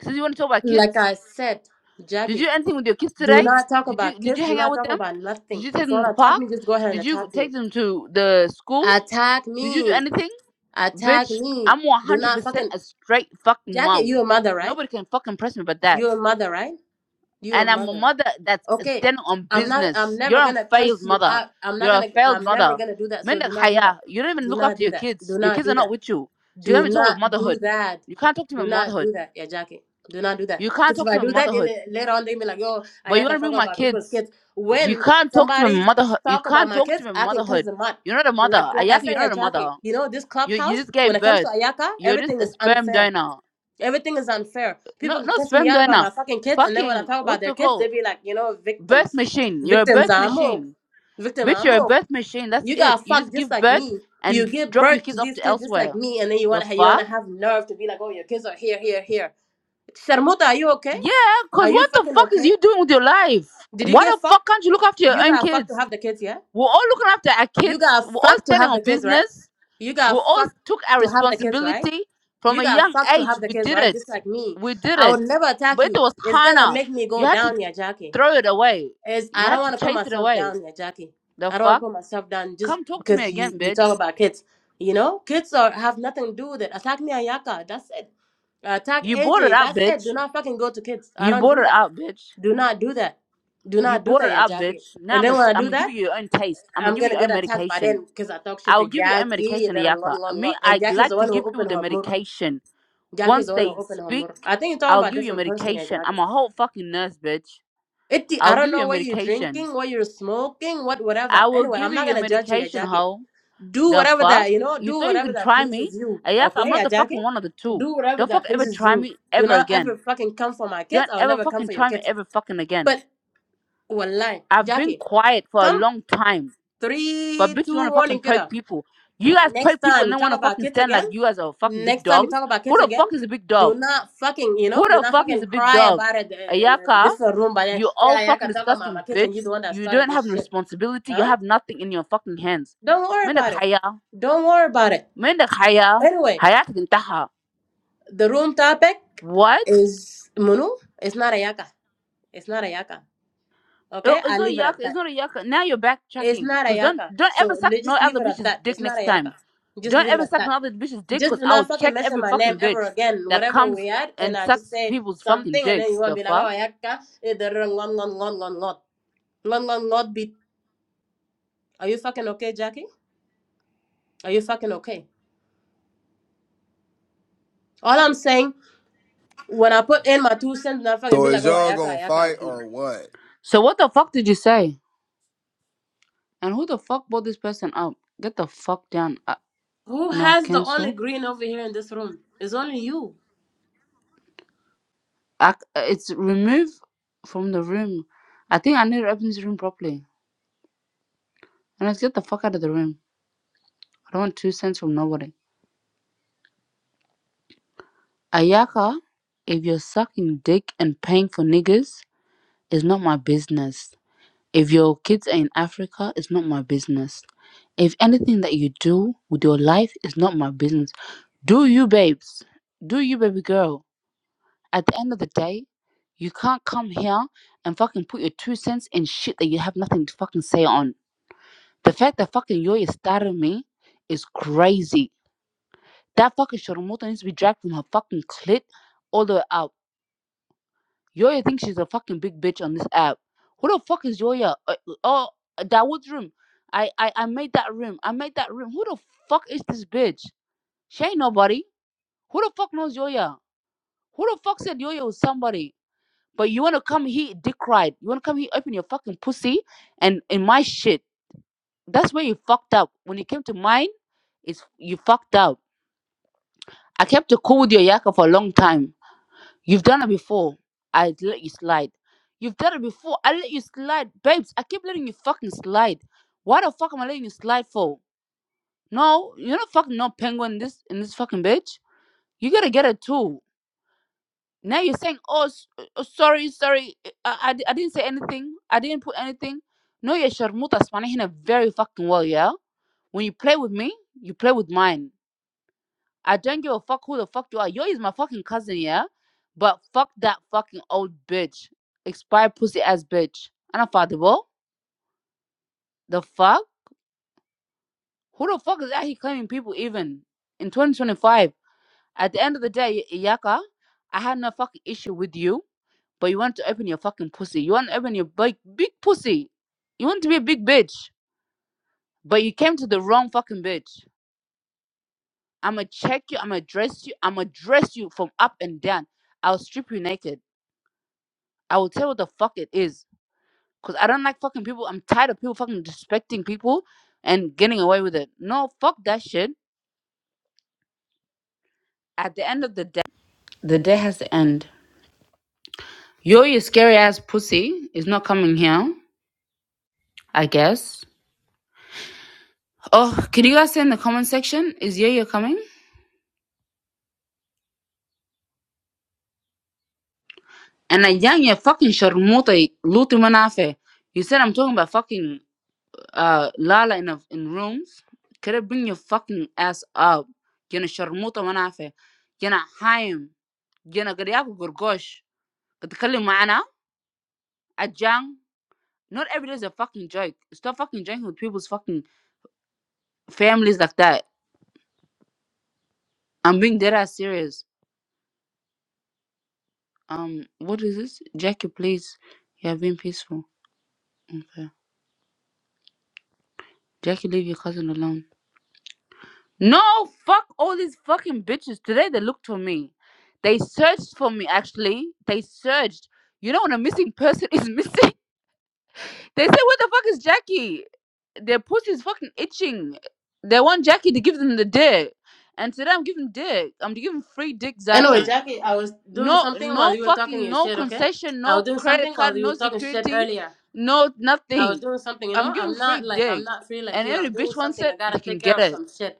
Speaker 1: Since you want to talk about
Speaker 4: Like
Speaker 1: kids?
Speaker 4: I said,
Speaker 1: Did you
Speaker 4: Jackie,
Speaker 1: do anything with your kids
Speaker 4: do
Speaker 1: today?
Speaker 4: not talk
Speaker 1: Did you
Speaker 4: about
Speaker 1: did you
Speaker 4: kids. Do
Speaker 1: hang out
Speaker 4: not
Speaker 1: with
Speaker 4: talk
Speaker 1: them?
Speaker 4: about
Speaker 1: Did
Speaker 4: nothing.
Speaker 1: you take
Speaker 4: If you
Speaker 1: them to the
Speaker 4: want to attack
Speaker 1: park?
Speaker 4: me, just go ahead and
Speaker 1: Did you
Speaker 4: attack me.
Speaker 1: take them to the school?
Speaker 4: Attack
Speaker 1: Did you do
Speaker 4: me.
Speaker 1: anything?
Speaker 4: Attack
Speaker 1: Bitch,
Speaker 4: me.
Speaker 1: I'm
Speaker 4: Do not
Speaker 1: 100%
Speaker 4: fucking.
Speaker 1: a straight fucking
Speaker 4: Jackie,
Speaker 1: mom.
Speaker 4: you a mother, right?
Speaker 1: Nobody can fucking press me but that.
Speaker 4: You a mother, right? You a
Speaker 1: And I'm a
Speaker 4: mother.
Speaker 1: mother that's
Speaker 4: Okay.
Speaker 1: standing on
Speaker 4: I'm not, I'm
Speaker 1: business. You're
Speaker 4: never
Speaker 1: a
Speaker 4: gonna
Speaker 1: failed
Speaker 4: cuss you
Speaker 1: mother.
Speaker 4: out. I'm not
Speaker 1: You're a
Speaker 4: gonna,
Speaker 1: failed
Speaker 4: I'm never
Speaker 1: mother.
Speaker 4: gonna do that. So do
Speaker 1: Mendak
Speaker 4: not do that.
Speaker 1: haya. You don't even
Speaker 4: Do
Speaker 1: look
Speaker 4: not
Speaker 1: after
Speaker 4: do
Speaker 1: your
Speaker 4: that.
Speaker 1: kids.
Speaker 4: Do
Speaker 1: Your
Speaker 4: not
Speaker 1: kids
Speaker 4: do
Speaker 1: are not
Speaker 4: that.
Speaker 1: with you. So you don't
Speaker 4: Do
Speaker 1: even talk about
Speaker 4: not do
Speaker 1: motherhood.
Speaker 4: that.
Speaker 1: You can't talk to me
Speaker 4: Do
Speaker 1: about
Speaker 4: not
Speaker 1: motherhood.
Speaker 4: do that, yeah, Jackie. Do not do that.
Speaker 1: You can't
Speaker 4: Because if
Speaker 1: talk to
Speaker 4: I
Speaker 1: me about
Speaker 4: do that,
Speaker 1: motherhood.
Speaker 4: then later on they be like, yo, I
Speaker 1: But you want
Speaker 4: gotta
Speaker 1: to
Speaker 4: talk
Speaker 1: bring my
Speaker 4: about people's
Speaker 1: kids.
Speaker 4: kids.
Speaker 1: You
Speaker 4: When
Speaker 1: can't talk to my
Speaker 4: somebody
Speaker 1: motherhood. You
Speaker 4: talk about
Speaker 1: can't
Speaker 4: my
Speaker 1: talk to
Speaker 4: kids,
Speaker 1: my
Speaker 4: I can cuss
Speaker 1: motherhood.
Speaker 4: them out.
Speaker 1: You're not a
Speaker 4: But
Speaker 1: mother.
Speaker 4: like like
Speaker 1: Ayaka,
Speaker 4: I say,
Speaker 1: you're
Speaker 4: yeah,
Speaker 1: not a
Speaker 4: Jackie,
Speaker 1: mother.
Speaker 4: you know, this
Speaker 1: You you
Speaker 4: clubhouse,
Speaker 1: just
Speaker 4: when
Speaker 1: gave
Speaker 4: it comes to
Speaker 1: birth.
Speaker 4: Ayaka,
Speaker 1: You're just
Speaker 4: everything
Speaker 1: a
Speaker 4: is
Speaker 1: sperm
Speaker 4: unfair.
Speaker 1: donor.
Speaker 4: Everything is unfair.
Speaker 1: No,
Speaker 4: People can
Speaker 1: not
Speaker 4: cuss me
Speaker 1: sperm
Speaker 4: out about
Speaker 1: donor.
Speaker 4: my fucking kids, and then when I
Speaker 1: Fucking
Speaker 4: talk about
Speaker 1: what's
Speaker 4: their
Speaker 1: it
Speaker 4: kids, they
Speaker 1: called?
Speaker 4: be like, you know,
Speaker 1: Birth
Speaker 4: victims.
Speaker 1: machine. You're a
Speaker 4: Victims
Speaker 1: birth
Speaker 4: are more.
Speaker 1: machine.
Speaker 4: Victim
Speaker 1: Bitch,
Speaker 4: are
Speaker 1: you're a
Speaker 4: more.
Speaker 1: birth machine. That's
Speaker 4: You
Speaker 1: it.
Speaker 4: got
Speaker 1: You
Speaker 4: fucked
Speaker 1: just
Speaker 4: just
Speaker 1: give
Speaker 4: like
Speaker 1: birth
Speaker 4: me. You
Speaker 1: and
Speaker 4: give
Speaker 1: drop your
Speaker 4: birth to
Speaker 1: kids off
Speaker 4: these
Speaker 1: to
Speaker 4: kids just
Speaker 1: elsewhere.
Speaker 4: like me, and then you
Speaker 1: The
Speaker 4: want to you want
Speaker 1: fuck?
Speaker 4: to have nerve to be like, oh, your kids are here, here, here. Sharmuta, are you okay?
Speaker 1: Yeah, cause
Speaker 4: Are you
Speaker 1: what the
Speaker 4: fucking
Speaker 1: fuck is
Speaker 4: okay?
Speaker 1: you doing with your life?
Speaker 4: Did you
Speaker 1: Why
Speaker 4: get
Speaker 1: the fuck
Speaker 4: fucked?
Speaker 1: can't you look after your
Speaker 4: You
Speaker 1: own
Speaker 4: got fucked to
Speaker 1: kids?
Speaker 4: have the kids, yeah?
Speaker 1: We're all looking after our
Speaker 4: You
Speaker 1: kids.
Speaker 4: got
Speaker 1: We're all
Speaker 4: fucked to
Speaker 1: standing
Speaker 4: have
Speaker 1: on
Speaker 4: the kids, right?
Speaker 1: business.
Speaker 4: You
Speaker 1: We
Speaker 4: got
Speaker 1: all
Speaker 4: fucked
Speaker 1: took our
Speaker 4: to have the kids, right?
Speaker 1: responsibility from
Speaker 4: You
Speaker 1: a
Speaker 4: got
Speaker 1: young
Speaker 4: fucked to
Speaker 1: age.
Speaker 4: have the
Speaker 1: We
Speaker 4: kids,
Speaker 1: did
Speaker 4: right?
Speaker 1: it.
Speaker 4: Just like me.
Speaker 1: We did
Speaker 4: I
Speaker 1: it.
Speaker 4: would never attack
Speaker 1: But it
Speaker 4: you.
Speaker 1: was
Speaker 4: It's gonna
Speaker 1: Hana.
Speaker 4: make me go
Speaker 1: You had to
Speaker 4: down, yeah,
Speaker 1: throw it away.
Speaker 4: is
Speaker 1: You
Speaker 4: I don't
Speaker 1: had to
Speaker 4: want to put
Speaker 1: chase it
Speaker 4: myself
Speaker 1: away.
Speaker 4: down here, Jackie.
Speaker 1: The
Speaker 4: I don't want
Speaker 1: fuck?
Speaker 4: to put myself down just
Speaker 1: Come talk to me
Speaker 4: because
Speaker 1: again,
Speaker 4: you you
Speaker 1: bitch.
Speaker 4: talk about kids. You know, kids are have nothing to do with it. Attack me, Ayaka. That's it. Attack
Speaker 1: You bought it
Speaker 4: AJ.
Speaker 1: out,
Speaker 4: That's it.
Speaker 1: bitch.
Speaker 4: Do not fucking go to kids. I
Speaker 1: You
Speaker 4: don't
Speaker 1: bought
Speaker 4: do
Speaker 1: it
Speaker 4: that.
Speaker 1: out, bitch.
Speaker 4: Do not do that. Do
Speaker 1: You
Speaker 4: not do
Speaker 1: bought it
Speaker 4: that, yeah,
Speaker 1: out,
Speaker 4: Jackie.
Speaker 1: bitch. Now
Speaker 4: And
Speaker 1: I'm
Speaker 4: then
Speaker 1: gonna,
Speaker 4: when I
Speaker 1: I'm
Speaker 4: do
Speaker 1: gonna give
Speaker 4: that,
Speaker 1: you your own taste. I'm gonna
Speaker 4: I'm
Speaker 1: give you
Speaker 4: gonna
Speaker 1: your own
Speaker 4: get attacked by
Speaker 1: medication.
Speaker 4: them because I talk shit
Speaker 1: I'll
Speaker 4: to
Speaker 1: give you your own
Speaker 4: Jackie.
Speaker 1: medication,
Speaker 4: Then I'm
Speaker 1: Ayaka.
Speaker 4: one, one,
Speaker 1: Me,
Speaker 4: one. And
Speaker 1: I
Speaker 4: Jackie's
Speaker 1: like
Speaker 4: the
Speaker 1: to
Speaker 4: one who
Speaker 1: give people
Speaker 4: opened
Speaker 1: the
Speaker 4: her mouth.
Speaker 1: medication.
Speaker 4: Jackie's
Speaker 1: Once
Speaker 4: the one who
Speaker 1: they
Speaker 4: opened her
Speaker 1: speak,
Speaker 4: mouth. I think you're talking
Speaker 1: I'll
Speaker 4: about a
Speaker 1: give you
Speaker 4: different person, yeah,
Speaker 1: medication.
Speaker 4: Jackie.
Speaker 1: I'm a whole fucking nurse, bitch.
Speaker 4: It, I
Speaker 1: I'll
Speaker 4: don't
Speaker 1: give you a
Speaker 4: know what you're
Speaker 1: medication.
Speaker 4: drinking, what you're smoking, what
Speaker 1: I
Speaker 4: whatever.
Speaker 1: will
Speaker 4: Anyway, I'm
Speaker 1: give you
Speaker 4: not
Speaker 1: your
Speaker 4: gonna judge you,
Speaker 1: medication,
Speaker 4: Yajaki.
Speaker 1: ho.
Speaker 4: Do
Speaker 1: The
Speaker 4: whatever
Speaker 1: fuck?
Speaker 4: that you know.
Speaker 1: You
Speaker 4: Do
Speaker 1: thought you
Speaker 4: whatever
Speaker 1: can
Speaker 4: that
Speaker 1: try me?
Speaker 4: pleases you.
Speaker 1: Ayak, I'm
Speaker 4: Okay,
Speaker 1: not the
Speaker 4: Yajaki.
Speaker 1: fucking one of the two.
Speaker 4: Do whatever
Speaker 1: Don't fuck
Speaker 4: that
Speaker 1: ever
Speaker 4: pleases
Speaker 1: try
Speaker 4: you.
Speaker 1: me
Speaker 4: Do
Speaker 1: ever
Speaker 4: not
Speaker 1: again.
Speaker 4: ever fucking come for my kids.
Speaker 1: Don't
Speaker 4: I'll
Speaker 1: ever
Speaker 4: never come
Speaker 1: fucking
Speaker 4: for your
Speaker 1: try me
Speaker 4: kids.
Speaker 1: ever fucking again.
Speaker 4: But wallahi,
Speaker 1: I've been
Speaker 4: Jackie,
Speaker 1: quiet for a
Speaker 4: come
Speaker 1: long time, but
Speaker 4: three,
Speaker 1: bitches
Speaker 4: two,
Speaker 1: wanna
Speaker 4: one,
Speaker 1: fucking
Speaker 4: and get
Speaker 1: poke
Speaker 4: up.
Speaker 1: people. You guys
Speaker 4: Next
Speaker 1: poke people
Speaker 4: time
Speaker 1: and
Speaker 4: you
Speaker 1: they
Speaker 4: talk
Speaker 1: wanna
Speaker 4: about
Speaker 1: fucking
Speaker 4: kids
Speaker 1: stand
Speaker 4: again,
Speaker 1: like you guys are fucking big
Speaker 4: next time you
Speaker 1: dogs.
Speaker 4: talk about
Speaker 1: Who
Speaker 4: kids
Speaker 1: the
Speaker 4: again,
Speaker 1: fuck is a big
Speaker 4: do
Speaker 1: dog?
Speaker 4: not fucking, you
Speaker 1: Who
Speaker 4: know, do
Speaker 1: the
Speaker 4: not
Speaker 1: fuck is
Speaker 4: fucking
Speaker 1: a big
Speaker 4: cry
Speaker 1: dog?
Speaker 4: about it in a
Speaker 1: Ayaka,
Speaker 4: different room. But then,
Speaker 1: you
Speaker 4: yeah,
Speaker 1: all
Speaker 4: yeah, I
Speaker 1: fucking
Speaker 4: can talk about my
Speaker 1: disgusting
Speaker 4: kids, and
Speaker 1: bitch.
Speaker 4: he's the one that
Speaker 1: You
Speaker 4: started
Speaker 1: don't have
Speaker 4: this
Speaker 1: no
Speaker 4: shit.
Speaker 1: responsibility. You
Speaker 4: Huh?
Speaker 1: have nothing in your fucking hands.
Speaker 4: Don't worry
Speaker 1: Mendak
Speaker 4: about it.
Speaker 1: haya.
Speaker 4: Don't worry about it.
Speaker 1: Mendak haya.
Speaker 4: Anyway,
Speaker 1: Hayat gintaha.
Speaker 4: the room topic
Speaker 1: What?
Speaker 4: is Munu. It's not Ayaka. It's not Ayaka.
Speaker 1: It-
Speaker 4: Okay?
Speaker 1: It's
Speaker 4: I
Speaker 1: not
Speaker 4: leave it
Speaker 1: yaka.
Speaker 4: at
Speaker 1: It's
Speaker 4: that.
Speaker 1: not a yaka. Now you're
Speaker 4: It's
Speaker 1: backtracking.
Speaker 4: not
Speaker 1: Cause don't
Speaker 4: Ayaka.
Speaker 1: don't ever
Speaker 4: So
Speaker 1: suck
Speaker 4: le-
Speaker 1: no
Speaker 4: just leave
Speaker 1: other
Speaker 4: it at
Speaker 1: bitch's
Speaker 4: that.
Speaker 1: dick
Speaker 4: It's not
Speaker 1: next
Speaker 4: Ayaka.
Speaker 1: time.
Speaker 4: Just
Speaker 1: Don't
Speaker 4: leave it
Speaker 1: ever
Speaker 4: at
Speaker 1: suck no
Speaker 4: that.
Speaker 1: other bitch's dick. Cause
Speaker 4: just do not
Speaker 1: I'll
Speaker 4: fucking
Speaker 1: check
Speaker 4: mention
Speaker 1: every
Speaker 4: my name
Speaker 1: fucking
Speaker 4: ever
Speaker 1: bitch
Speaker 4: again,
Speaker 1: that
Speaker 4: whatever
Speaker 1: comes
Speaker 4: we had, and
Speaker 1: and
Speaker 4: I just
Speaker 1: sucks
Speaker 4: say
Speaker 1: people's fucking
Speaker 4: something, and then
Speaker 1: dicks.
Speaker 4: you want to
Speaker 1: The
Speaker 4: be like, oh,
Speaker 1: fuck.
Speaker 4: ayaka, eh, the yaka, not beat. Are you fucking okay, Jackie? Are you fucking okay? All I'm saying, when I put in my two cents, not fucking
Speaker 5: So
Speaker 4: be like,
Speaker 5: is
Speaker 4: oh,
Speaker 5: y'all
Speaker 4: ayaka,
Speaker 5: gonna fight
Speaker 4: ayaka, beat.
Speaker 5: or what?
Speaker 1: So what the fuck did you say? And who the fuck bought this person up? Get the fuck down. Uh,
Speaker 4: Who
Speaker 1: no,
Speaker 4: has the only
Speaker 1: cancel.
Speaker 4: green over here in this room? It's only you.
Speaker 1: Ac it's remove from the room. I think I need to open this room properly. And let's get the fuck out of the room. I don't want two cents from nobody. Ayaka, if you're sucking dick and paying for niggas, it's not my business. If your kids are in Africa, it's not my business. If anything that you do with your life is not my business. Do you, babes? Do you, baby girl? At the end of the day, you can't come here and fucking put your two cents in shit that you have nothing to fucking say on. The fact that fucking Yoya started me is crazy. That fucking Shorumuta needs to be dragged from her fucking clit all the way out. Yoya thinks she's a fucking big bitch on this app. Who the fuck is Yoya? Uh, uh, Oh, Dawood's room. I, I I made that room. I made that room. Who the fuck is this bitch? She ain't nobody. Who the fuck knows Yoya? Who the fuck said Yoya was somebody? But you wanna come here dick ride. You wanna come here open your fucking pussy and in my shit. That's where you fucked up. When you came to mine, it's you fucked up. I kept it cool with your yaka for a long time. You've done it before. I let you slide. You've done it before. I let you slide, babes. I keep letting you fucking slide. Why the fuck am I letting you slide for? No, you're not fucking no penguin in this in this fucking bitch. You gotta get it too. Now you're saying, oh, s- uh, sorry, sorry, uh, I, I, I didn't say anything. I didn't put anything. No, you're Sharmuta Spanahina very fucking well, yeah? When you play with me, you play with mine. I don't give a fuck who the fuck you are. Yo is my fucking cousin, yeah? But fuck that fucking old bitch. Expired pussy ass bitch. And I father, the fuck? Who the fuck is that he claiming people even? In 2025, at the end of the day, Iyaka, I had no fucking issue with you but you want to open your fucking pussy. You want to open your big big pussy. You want to be a big bitch, but you came to the wrong fucking bitch. I'ma check you. I'ma dress you. I'ma dress you from up and down. I'll strip you naked. I will tell you what the fuck it is. Cause I don't like fucking people. I'm tired of people fucking disrespecting people and getting away with it. No, fuck that shit. At the end of the day, the day has to end. Yo, your scary ass pussy is not coming here. I guess. Oh, can you guys say in the comment section, is Yo Yo coming? And I young you fucking sharmuta lutu manafe. You said I'm talking about fucking uh Lala in a, in rooms. Could have bring your fucking ass up. Gonna sharmuta manafe. Gonna haim. Gonna gadiaku gurgosh. But the mana a jang. Not every day is a fucking joke. Stop fucking joking with people's fucking families like that. I'm being dead ass serious. Um, what is this? Jackie, please. You have been peaceful. Okay. Jackie, leave your cousin alone. No, fuck all these fucking bitches. Today they looked for me. They searched for me, actually. They searched. You know, when a missing person is missing, they say, Where the fuck is Jackie? Their pussy is fucking itching. They want Jackie to give them the dick. And today I'm giving dick. I'm giving free dick
Speaker 4: Anyway,
Speaker 1: Zato.
Speaker 4: Jackie, I was doing
Speaker 1: No,
Speaker 4: something while
Speaker 1: no
Speaker 4: you were talking
Speaker 1: fucking,
Speaker 4: your
Speaker 1: no
Speaker 4: shit, okay?
Speaker 1: concession,
Speaker 4: I was
Speaker 1: no
Speaker 4: doing
Speaker 1: credit
Speaker 4: something
Speaker 1: card,
Speaker 4: while you were
Speaker 1: no
Speaker 4: talking shit
Speaker 1: security,
Speaker 4: earlier.
Speaker 1: no
Speaker 4: I was
Speaker 1: nothing.
Speaker 4: doing something, you know.
Speaker 1: I'm giving
Speaker 4: I'm
Speaker 1: free
Speaker 4: not like I'm
Speaker 1: dick.
Speaker 4: not free like
Speaker 1: And
Speaker 4: you.
Speaker 1: every
Speaker 4: I'm doing
Speaker 1: bitch wants
Speaker 4: something.
Speaker 1: it,
Speaker 4: I gotta
Speaker 1: they can
Speaker 4: take care
Speaker 1: get
Speaker 4: of
Speaker 1: it.
Speaker 4: some shit.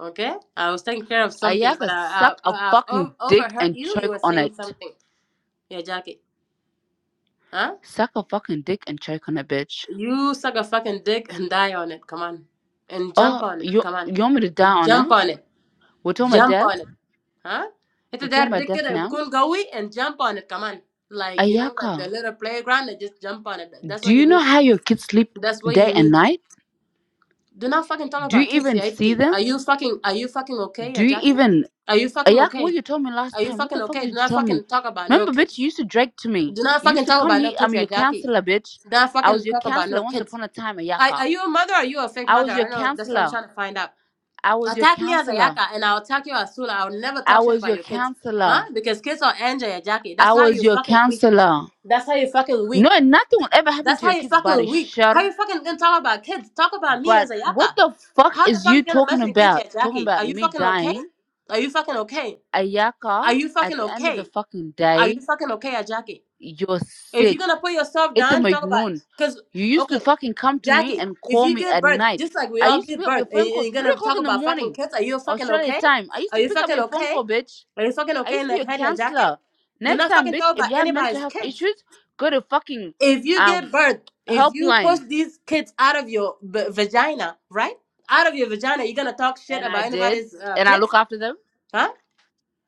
Speaker 4: Okay, I was taking care of something,
Speaker 1: Ayaka,
Speaker 4: but I,
Speaker 1: suck a
Speaker 4: I I've
Speaker 1: fucking
Speaker 4: o-
Speaker 1: dick
Speaker 4: overheard
Speaker 1: and
Speaker 4: you. You
Speaker 1: choke
Speaker 4: were
Speaker 1: on
Speaker 4: saying
Speaker 1: it.
Speaker 4: something. Yeah, Jackie. Huh?
Speaker 1: Suck a fucking dick and choke on it, bitch.
Speaker 4: You suck a fucking dick and die on it. Come on, and
Speaker 1: Oh,
Speaker 4: jump on it.
Speaker 1: you
Speaker 4: Come on,
Speaker 1: you want me to die on
Speaker 4: jump
Speaker 1: it?
Speaker 4: on it.
Speaker 1: We're talking about
Speaker 4: Jump
Speaker 1: death.
Speaker 4: on it. Huh? It's
Speaker 1: We're talking
Speaker 4: that
Speaker 1: about
Speaker 4: dick
Speaker 1: death
Speaker 4: that
Speaker 1: now.
Speaker 4: couldn't go and jump on it. Come on, like you know, like
Speaker 1: Ayaka,
Speaker 4: the little playground. They just jump on it. That's
Speaker 1: do
Speaker 4: what
Speaker 1: you
Speaker 4: you
Speaker 1: know
Speaker 4: need.
Speaker 1: how your kids sleep
Speaker 4: That's what
Speaker 1: day
Speaker 4: you
Speaker 1: and
Speaker 4: need.
Speaker 1: night?
Speaker 4: Do not fucking talk
Speaker 1: Do you
Speaker 4: about kids
Speaker 1: even see
Speaker 4: safety.
Speaker 1: them?
Speaker 4: Are you fucking are you fucking okay, yeah,
Speaker 1: Do you
Speaker 4: Jackie?
Speaker 1: even
Speaker 4: Are you fucking
Speaker 1: Ayaka?
Speaker 4: okay?
Speaker 1: What you told me last
Speaker 4: Are you
Speaker 1: time? What
Speaker 4: fucking
Speaker 1: the fuck
Speaker 4: okay?
Speaker 1: did
Speaker 4: Do
Speaker 1: you
Speaker 4: not
Speaker 1: tell me?
Speaker 4: fucking talk about no
Speaker 1: Remember, bitch,
Speaker 4: kids.
Speaker 1: you used to drag to me.
Speaker 4: Do not
Speaker 1: You used
Speaker 4: fucking
Speaker 1: to
Speaker 4: talk
Speaker 1: come
Speaker 4: about no
Speaker 1: here.
Speaker 4: kids,
Speaker 1: I'm
Speaker 4: yeah,
Speaker 1: your
Speaker 4: Jackie.
Speaker 1: counselor, bitch.
Speaker 4: Do not
Speaker 1: I was
Speaker 4: fucking
Speaker 1: your
Speaker 4: talk about
Speaker 1: counselor
Speaker 4: no
Speaker 1: once
Speaker 4: kids.
Speaker 1: upon a time,
Speaker 4: Are,
Speaker 1: Ayaka.
Speaker 4: are you a mother or are you a fake
Speaker 1: I
Speaker 4: mother?
Speaker 1: was your
Speaker 4: I don't know. That's what I'm
Speaker 1: counselor.
Speaker 4: trying to find out.
Speaker 1: I was your
Speaker 4: Attack me as a
Speaker 1: counselor.
Speaker 4: yaka and I'll attack you as Sula. I'll never
Speaker 1: I
Speaker 4: talk shit
Speaker 1: was
Speaker 4: about
Speaker 1: your
Speaker 4: your kids. Huh?
Speaker 1: counselor.
Speaker 4: Because kids are angel, yeah, Jackie.
Speaker 1: I
Speaker 4: That's how
Speaker 1: was
Speaker 4: you
Speaker 1: your
Speaker 4: fucking weak.
Speaker 1: counselor.
Speaker 4: That's how you fucking weak.
Speaker 1: No, nothing will ever happen
Speaker 4: That's
Speaker 1: to
Speaker 4: how
Speaker 1: your
Speaker 4: you
Speaker 1: kid's body,
Speaker 4: fucking weak.
Speaker 1: sure.
Speaker 4: How you fucking gonna talk about kids? Talk about me as
Speaker 1: But
Speaker 4: a
Speaker 1: what
Speaker 4: yaka.
Speaker 1: the fuck
Speaker 4: How the
Speaker 1: is
Speaker 4: fuck
Speaker 1: you
Speaker 4: you gonna
Speaker 1: talking
Speaker 4: mention kids
Speaker 1: about?
Speaker 4: yet,
Speaker 1: Talking
Speaker 4: Jackie? Are
Speaker 1: about
Speaker 4: you
Speaker 1: me
Speaker 4: fucking okay?
Speaker 1: dying?
Speaker 4: Are you fucking okay?
Speaker 1: Ayaka,
Speaker 4: Are you
Speaker 1: at
Speaker 4: fucking
Speaker 1: the end of the
Speaker 4: okay?
Speaker 1: fucking
Speaker 4: Are you
Speaker 1: day,
Speaker 4: fucking okay, uh, Jackie?
Speaker 1: you're
Speaker 4: If you're
Speaker 1: sick.
Speaker 4: gonna put yourself
Speaker 1: It's
Speaker 4: down, talk about
Speaker 1: noon.
Speaker 4: cause
Speaker 1: You used to
Speaker 4: okay,
Speaker 1: fucking come to me
Speaker 4: Jackie,
Speaker 1: and
Speaker 4: if
Speaker 1: call
Speaker 4: you
Speaker 1: me
Speaker 4: give
Speaker 1: at
Speaker 4: birth,
Speaker 1: night.
Speaker 4: just like we
Speaker 1: I
Speaker 4: all
Speaker 1: used to
Speaker 4: give
Speaker 1: pick up
Speaker 4: birth,
Speaker 1: your
Speaker 4: and
Speaker 1: phone
Speaker 4: you- and
Speaker 1: calls
Speaker 4: you're
Speaker 1: 3
Speaker 4: gonna
Speaker 1: o'clock
Speaker 4: talk
Speaker 1: in the
Speaker 4: about fucking
Speaker 1: morning,
Speaker 4: kids, are you fucking
Speaker 1: Australia
Speaker 4: okay?
Speaker 1: time. I used
Speaker 4: Are
Speaker 1: to
Speaker 4: you
Speaker 1: pick up
Speaker 4: fucking
Speaker 1: your phone
Speaker 4: okay?
Speaker 1: call, bitch.
Speaker 4: Are you fucking
Speaker 1: I
Speaker 4: okay
Speaker 1: used
Speaker 4: in
Speaker 1: to
Speaker 4: the
Speaker 1: be a
Speaker 4: head, yeah, Jackie?
Speaker 1: counselor.
Speaker 4: Do
Speaker 1: Next
Speaker 4: not
Speaker 1: time,
Speaker 4: fucking
Speaker 1: bitch,
Speaker 4: talk
Speaker 1: if
Speaker 4: about
Speaker 1: you have mental
Speaker 4: anybody's
Speaker 1: health
Speaker 4: kids
Speaker 1: issues, go to fucking
Speaker 4: if you give
Speaker 1: um
Speaker 4: birth, if you push
Speaker 1: helpline.
Speaker 4: these kids out of your b- vagina, right? Out of your vagina, you gonna talk shit
Speaker 1: And I
Speaker 4: about
Speaker 1: did.
Speaker 4: anybody's uh,
Speaker 1: And I
Speaker 4: kids,
Speaker 1: look after them.
Speaker 4: huh?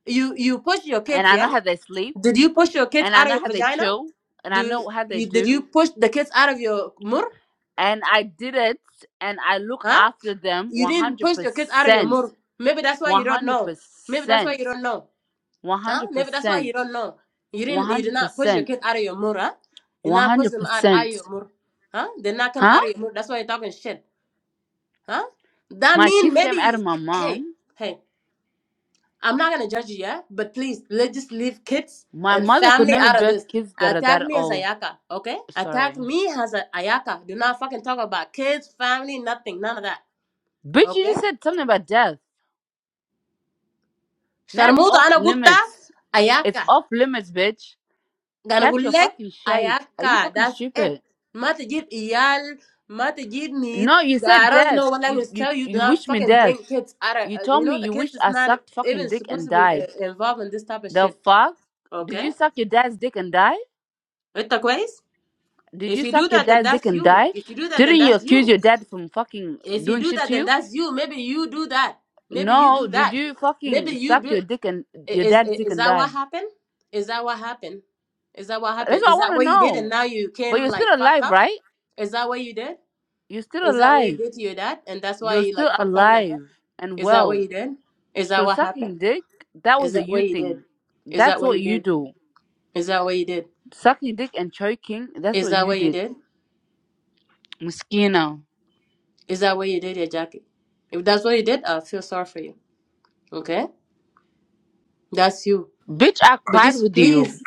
Speaker 4: You you push your
Speaker 1: And
Speaker 4: kids,
Speaker 1: I know
Speaker 4: yeah?
Speaker 1: how they sleep.
Speaker 4: Did you push your kids
Speaker 1: And I
Speaker 4: out of
Speaker 1: know
Speaker 4: your
Speaker 1: how they
Speaker 4: vagina?
Speaker 1: chill. And I
Speaker 4: Do
Speaker 1: know how they
Speaker 4: you did
Speaker 1: do.
Speaker 4: you push the kids out of your mur,
Speaker 1: And I did it. And I look
Speaker 4: huh?
Speaker 1: after them
Speaker 4: You didn't push your kids out of your
Speaker 1: 100%.
Speaker 4: mur. Maybe that's why you don't know. Maybe that's why
Speaker 1: 100%.
Speaker 4: you don't know, huh? Maybe that's why
Speaker 1: 100%.
Speaker 4: you don't know. You didn't you did not push your
Speaker 1: 100%.
Speaker 4: kids out of your mur, huh? You not push them out out of
Speaker 1: 100%.
Speaker 4: your mur, huh? They not come
Speaker 1: Huh?
Speaker 4: out of your mur. That's why you're talking shit. Huh? That
Speaker 1: My
Speaker 4: mean
Speaker 1: kids came out
Speaker 4: maybe
Speaker 1: of my
Speaker 4: hey,
Speaker 1: mom.
Speaker 4: hey, I'm not gonna judge you, yeah? But please let's just leave kids
Speaker 1: My
Speaker 4: and
Speaker 1: mother could
Speaker 4: family
Speaker 1: never
Speaker 4: out of this.
Speaker 1: birth kids that are
Speaker 4: Attack
Speaker 1: that
Speaker 4: me as
Speaker 1: old.
Speaker 4: Ayaka, okay? Attack
Speaker 1: Sorry.
Speaker 4: me as a Ayaka. Do not fucking talk about kids, family, nothing, none of that.
Speaker 1: Bitch, you
Speaker 4: Okay?
Speaker 1: just said something about death. Now it's
Speaker 4: Sharmuta
Speaker 1: off
Speaker 4: ana gutta
Speaker 1: limits. It's
Speaker 4: Ayaka.
Speaker 1: off limits, bitch.
Speaker 4: Gonna go
Speaker 1: Catch your
Speaker 4: gullek
Speaker 1: fucking shade. Are you
Speaker 4: ayaka.
Speaker 1: fucking
Speaker 4: That's it.
Speaker 1: stupid?
Speaker 4: Ma tajid iyal. Ma tajid need.
Speaker 1: No, you
Speaker 4: The
Speaker 1: said
Speaker 4: Arab, you
Speaker 1: death.
Speaker 4: know what
Speaker 1: You
Speaker 4: language
Speaker 1: you
Speaker 4: tell you? Do
Speaker 1: you
Speaker 4: not
Speaker 1: wished me
Speaker 4: fucking
Speaker 1: death.
Speaker 4: bring kids out of.
Speaker 1: You
Speaker 4: uh, You
Speaker 1: told me
Speaker 4: know the
Speaker 1: you
Speaker 4: kids
Speaker 1: wished
Speaker 4: is
Speaker 1: I
Speaker 4: not
Speaker 1: sucked fucking
Speaker 4: even
Speaker 1: dick
Speaker 4: supposed
Speaker 1: and
Speaker 4: to be uh,
Speaker 1: died.
Speaker 4: involved in this type of
Speaker 1: The
Speaker 4: shit.
Speaker 1: fuck? Did
Speaker 4: Okay.
Speaker 1: you suck your dad's dick and die?
Speaker 4: It's the ways.
Speaker 1: Did
Speaker 4: If
Speaker 1: you
Speaker 4: you
Speaker 1: suck
Speaker 4: do
Speaker 1: your
Speaker 4: that, then
Speaker 1: dad's dick
Speaker 4: that's
Speaker 1: and
Speaker 4: you.
Speaker 1: die?
Speaker 4: If you do that, then
Speaker 1: Didn't you
Speaker 4: that's
Speaker 1: accuse
Speaker 4: you.
Speaker 1: your dad from fucking
Speaker 4: If you
Speaker 1: doing
Speaker 4: do
Speaker 1: shit
Speaker 4: that,
Speaker 1: to
Speaker 4: then
Speaker 1: you?
Speaker 4: that's you. Maybe you do that. Maybe you
Speaker 1: No,
Speaker 4: do
Speaker 1: did
Speaker 4: that.
Speaker 1: you
Speaker 4: Maybe
Speaker 1: fucking
Speaker 4: you
Speaker 1: suck your
Speaker 4: do.
Speaker 1: dick and
Speaker 4: I-
Speaker 1: your
Speaker 4: Is
Speaker 1: dad's
Speaker 4: i-
Speaker 1: dick
Speaker 4: is
Speaker 1: and
Speaker 4: that what
Speaker 1: die?
Speaker 4: happened? Is that what happened? Is that what
Speaker 1: That's
Speaker 4: happened?
Speaker 1: what I
Speaker 4: Is
Speaker 1: want
Speaker 4: that
Speaker 1: to
Speaker 4: what you did and
Speaker 1: know.
Speaker 4: now you
Speaker 1: But
Speaker 4: came
Speaker 1: you're
Speaker 4: like
Speaker 1: still
Speaker 4: fucked
Speaker 1: alive,
Speaker 4: up?
Speaker 1: right?
Speaker 4: Is that what you did?
Speaker 1: You're still
Speaker 4: Is that what you
Speaker 1: alive.
Speaker 4: did to your dad and that's why
Speaker 1: You're
Speaker 4: you
Speaker 1: still
Speaker 4: like fucked up in the head?
Speaker 1: alive and
Speaker 4: Is that what
Speaker 1: well.
Speaker 4: you did? Is that
Speaker 1: So
Speaker 4: what happened?
Speaker 1: sucking dick, that
Speaker 4: Is
Speaker 1: was a
Speaker 4: that
Speaker 1: you
Speaker 4: what you did?
Speaker 1: thing.
Speaker 4: Is that
Speaker 1: That's
Speaker 4: what
Speaker 1: what
Speaker 4: you
Speaker 1: you
Speaker 4: did?
Speaker 1: do.
Speaker 4: Is that what you did?
Speaker 1: Sucking dick and choking, that's
Speaker 4: Is
Speaker 1: what
Speaker 4: that
Speaker 1: you
Speaker 4: what you
Speaker 1: did.
Speaker 4: did?
Speaker 1: Mosquito.
Speaker 4: Is that what you did, yeah, Jackie? If that's what you did, I feel sorry for you. Okay, that's you.
Speaker 1: Bitch, I
Speaker 4: But
Speaker 1: cried
Speaker 4: just
Speaker 1: with you.
Speaker 4: please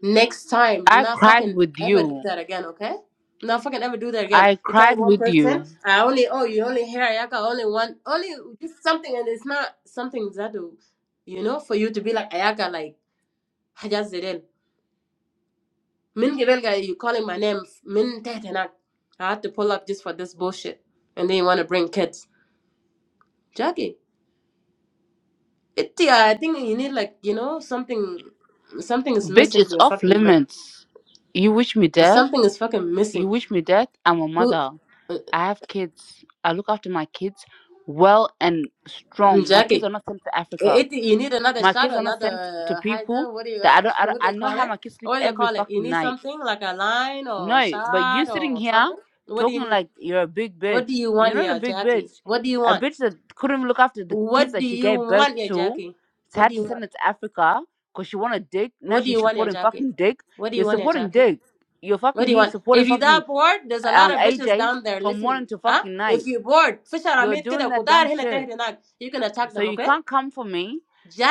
Speaker 4: Next time, do
Speaker 1: I
Speaker 4: not
Speaker 1: cried
Speaker 4: fucking
Speaker 1: with
Speaker 4: ever do
Speaker 1: you.
Speaker 4: that again, okay? Do not fucking ever do that again.
Speaker 1: I
Speaker 4: You tell
Speaker 1: cried
Speaker 4: one
Speaker 1: with you.
Speaker 4: person, I only, oh, you only hear Ayaka, only one, only just something, and it's not something that, do- you know, for you to be like Ayaka, like, Hajas Zidin. Min Gibelga, you calling my name, Min Tetenak. I had to pull up just for this bullshit. And then you want to bring kids. Jackie, it, yeah, I think you need, like, you know, something, something is
Speaker 1: Bitch,
Speaker 4: missing in
Speaker 1: it's
Speaker 4: your
Speaker 1: off
Speaker 4: fucking brain.
Speaker 1: limits. You wish me
Speaker 4: Or
Speaker 1: death?
Speaker 4: something is fucking
Speaker 1: You
Speaker 4: missing.
Speaker 1: wish me death? I'm a
Speaker 4: Who,
Speaker 1: mother. I have kids. I look after my kids well and strong. My kids
Speaker 4: Jackie?
Speaker 1: are not sent to Africa.
Speaker 4: It, you need another
Speaker 1: My
Speaker 4: shot
Speaker 1: kids
Speaker 4: or
Speaker 1: are not sent to
Speaker 4: another uh,
Speaker 1: people
Speaker 4: hider. What do you
Speaker 1: that I don't. I, don't-
Speaker 4: what do
Speaker 1: I
Speaker 4: they
Speaker 1: know
Speaker 4: call
Speaker 1: how
Speaker 4: it?
Speaker 1: my kids sleep
Speaker 4: What do they
Speaker 1: every
Speaker 4: call it? You
Speaker 1: fucking
Speaker 4: need
Speaker 1: night.
Speaker 4: something like a line or
Speaker 1: No, but you
Speaker 4: shot
Speaker 1: sitting
Speaker 4: or
Speaker 1: here
Speaker 4: something. What do you
Speaker 1: talking
Speaker 4: need?
Speaker 1: like you're a big
Speaker 4: What do
Speaker 1: bitch.
Speaker 4: you
Speaker 1: You're
Speaker 4: want,
Speaker 1: not a
Speaker 4: yeah,
Speaker 1: big
Speaker 4: Jackie?
Speaker 1: bitch.
Speaker 4: What do you
Speaker 1: A
Speaker 4: want?
Speaker 1: bitch that couldn't look after the kids
Speaker 4: What
Speaker 1: that
Speaker 4: do
Speaker 1: she
Speaker 4: you
Speaker 1: gave birth
Speaker 4: want, yeah,
Speaker 1: to,
Speaker 4: Jackie?
Speaker 1: so
Speaker 4: What do
Speaker 1: had to
Speaker 4: you
Speaker 1: send
Speaker 4: want?
Speaker 1: it to Africa because she wanted dick. Now
Speaker 4: What do you
Speaker 1: she's
Speaker 4: want, yeah,
Speaker 1: supporting
Speaker 4: Jackie?
Speaker 1: fucking dick.
Speaker 4: What do you
Speaker 1: You're
Speaker 4: want, yeah,
Speaker 1: supporting
Speaker 4: Jackie?
Speaker 1: dick. You're
Speaker 4: What
Speaker 1: fucking
Speaker 4: do you
Speaker 1: here
Speaker 4: want?
Speaker 1: supporting
Speaker 4: If you
Speaker 1: fucking
Speaker 4: that bored, there's a
Speaker 1: um
Speaker 4: lot of bitches
Speaker 1: AJ
Speaker 4: down there
Speaker 1: from
Speaker 4: listening.
Speaker 1: morning to
Speaker 4: Huh?
Speaker 1: fucking
Speaker 4: If
Speaker 1: night.
Speaker 4: you bored, fish are
Speaker 1: You're
Speaker 4: made
Speaker 1: doing
Speaker 4: كده
Speaker 1: that dumb
Speaker 4: كتار هنا
Speaker 1: shit.
Speaker 4: تهري هناك. You can attack
Speaker 1: So
Speaker 4: them,
Speaker 1: you
Speaker 4: okay?
Speaker 1: can't come for me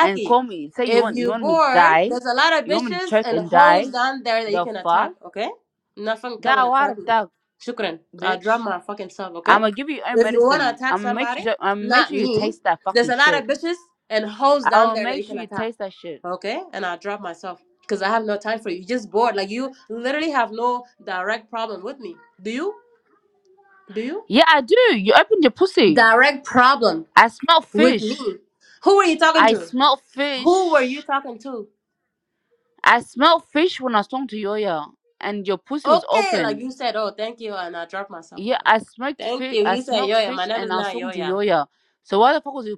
Speaker 1: and call me. Say you
Speaker 4: if
Speaker 1: want you
Speaker 4: you
Speaker 1: want me to
Speaker 4: bored,
Speaker 1: die.
Speaker 4: there's a lot of
Speaker 1: You want me to
Speaker 4: bitches
Speaker 1: check
Speaker 4: and
Speaker 1: and
Speaker 4: hoes
Speaker 1: die.
Speaker 4: down there that you
Speaker 1: The
Speaker 4: can
Speaker 1: fuck?
Speaker 4: attack, okay? Nothing come
Speaker 1: That
Speaker 4: and
Speaker 1: water
Speaker 4: attack me.
Speaker 1: that
Speaker 4: Shukran. I'll drop
Speaker 1: bitch.
Speaker 4: my fucking self, okay?
Speaker 1: I'ma give you your own
Speaker 4: If you wanna
Speaker 1: medicine.
Speaker 4: attack
Speaker 1: I'ma make
Speaker 4: somebody,
Speaker 1: sure I'ma make
Speaker 4: not
Speaker 1: sure you
Speaker 4: me,
Speaker 1: taste that
Speaker 4: there's
Speaker 1: fucking
Speaker 4: a lot
Speaker 1: shit.
Speaker 4: of bitches and hoes
Speaker 1: I
Speaker 4: down
Speaker 1: will
Speaker 4: there that
Speaker 1: make
Speaker 4: you
Speaker 1: sure
Speaker 4: can
Speaker 1: you
Speaker 4: attack.
Speaker 1: taste that shit.
Speaker 4: Okay? And I'll drop myself. Because I have no time for you. you just bored. Like you literally have no direct problem with me. Do you? Do you?
Speaker 1: Yeah, I do. You opened your pussy.
Speaker 4: Direct problem
Speaker 1: I smell
Speaker 4: with me.
Speaker 1: fish.
Speaker 4: Who were you talking
Speaker 1: I
Speaker 4: to?
Speaker 1: smell
Speaker 4: Who were you
Speaker 1: fish.
Speaker 4: talking to?
Speaker 1: I smelled fish when I was talking to Yoya, and your pussy was
Speaker 4: Okay, like
Speaker 1: open.
Speaker 4: you said, oh, thank you, and I dropped myself
Speaker 1: Yeah,
Speaker 4: down.
Speaker 1: I smelled
Speaker 4: Thank
Speaker 1: fish.
Speaker 4: you.
Speaker 1: I
Speaker 4: You said
Speaker 1: smelled
Speaker 4: Yoya. My
Speaker 1: fish,
Speaker 4: name
Speaker 1: and
Speaker 4: is
Speaker 1: I was
Speaker 4: not
Speaker 1: talking to
Speaker 4: Yoya.
Speaker 1: Yoya. So why the fuck was you?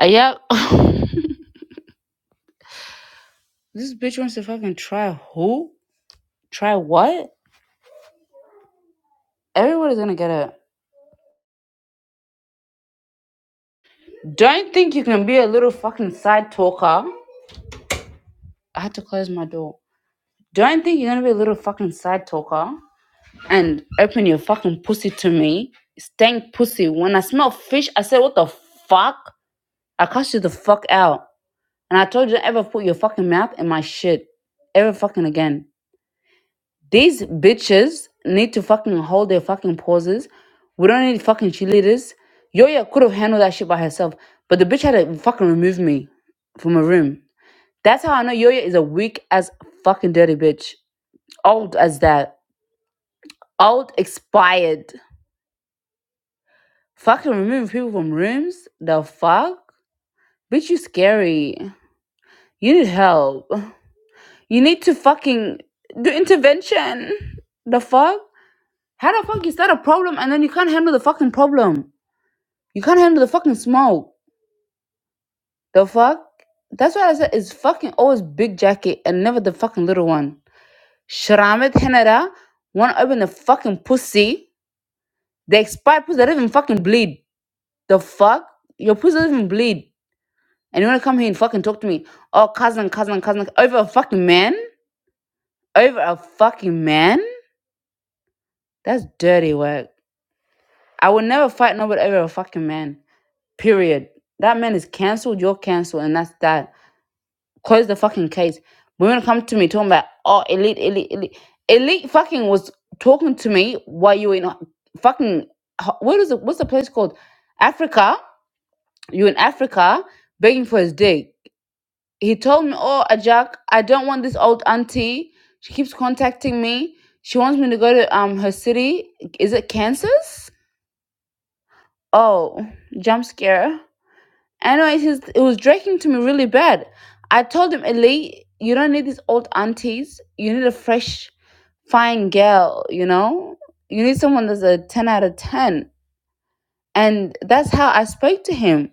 Speaker 1: Uh, yep. this bitch wants to fucking try who? Try what? Everybody's gonna get it. Don't think you can be a little fucking side talker. I had to close my door. Don't think you're gonna be a little fucking side talker and open your fucking pussy to me. Stank pussy. When I smell fish, I said, what the fuck? I cussed you the fuck out. And I told you to ever put your fucking mouth in my shit. Ever fucking again. These bitches need to fucking hold their fucking pauses. We don't need fucking cheerleaders. Yoya could have handled that shit by herself, but the bitch had to fucking remove me from her room. That's how I know Yoya is a weak as fucking dirty bitch. Old as that. Old expired. Fucking remove people from rooms? The fuck? Bitch, you scary. You need help. You need to fucking do intervention. The fuck? How the fuck you start a problem and then you can't handle the fucking problem? You can't handle the fucking smoke. The fuck? That's why I said it's fucking always big jacket and never the fucking little one. Shramit Henada wanna open the fucking pussy. They expired pussy that doesn't even fucking bleed. The fuck? Your pussy doesn't even bleed. And you wanna come here and fucking talk to me. Oh cousin, cousin, cousin over a fucking man? Over a fucking man? That's dirty work. I would never fight nobody over a fucking man. Period. That man is cancelled, you're cancelled, and that's that. Close the fucking case. Women come to me talking about oh elite, elite, elite. Elite fucking was talking to me while you were in fucking what is it? What's the place called? Africa. You in Africa begging for his dick. He told me, oh Ajak, I don't want this old auntie. She keeps contacting me. She wants me to go to um her city. Is it Kansas? Oh, jump scare. Anyways, he's, it is. It was dragging to me really bad. I told him, Ellie, you don't need these old aunties. You need a fresh, fine girl, you know? You need someone that's a 10 out of 10. And that's how I spoke to him.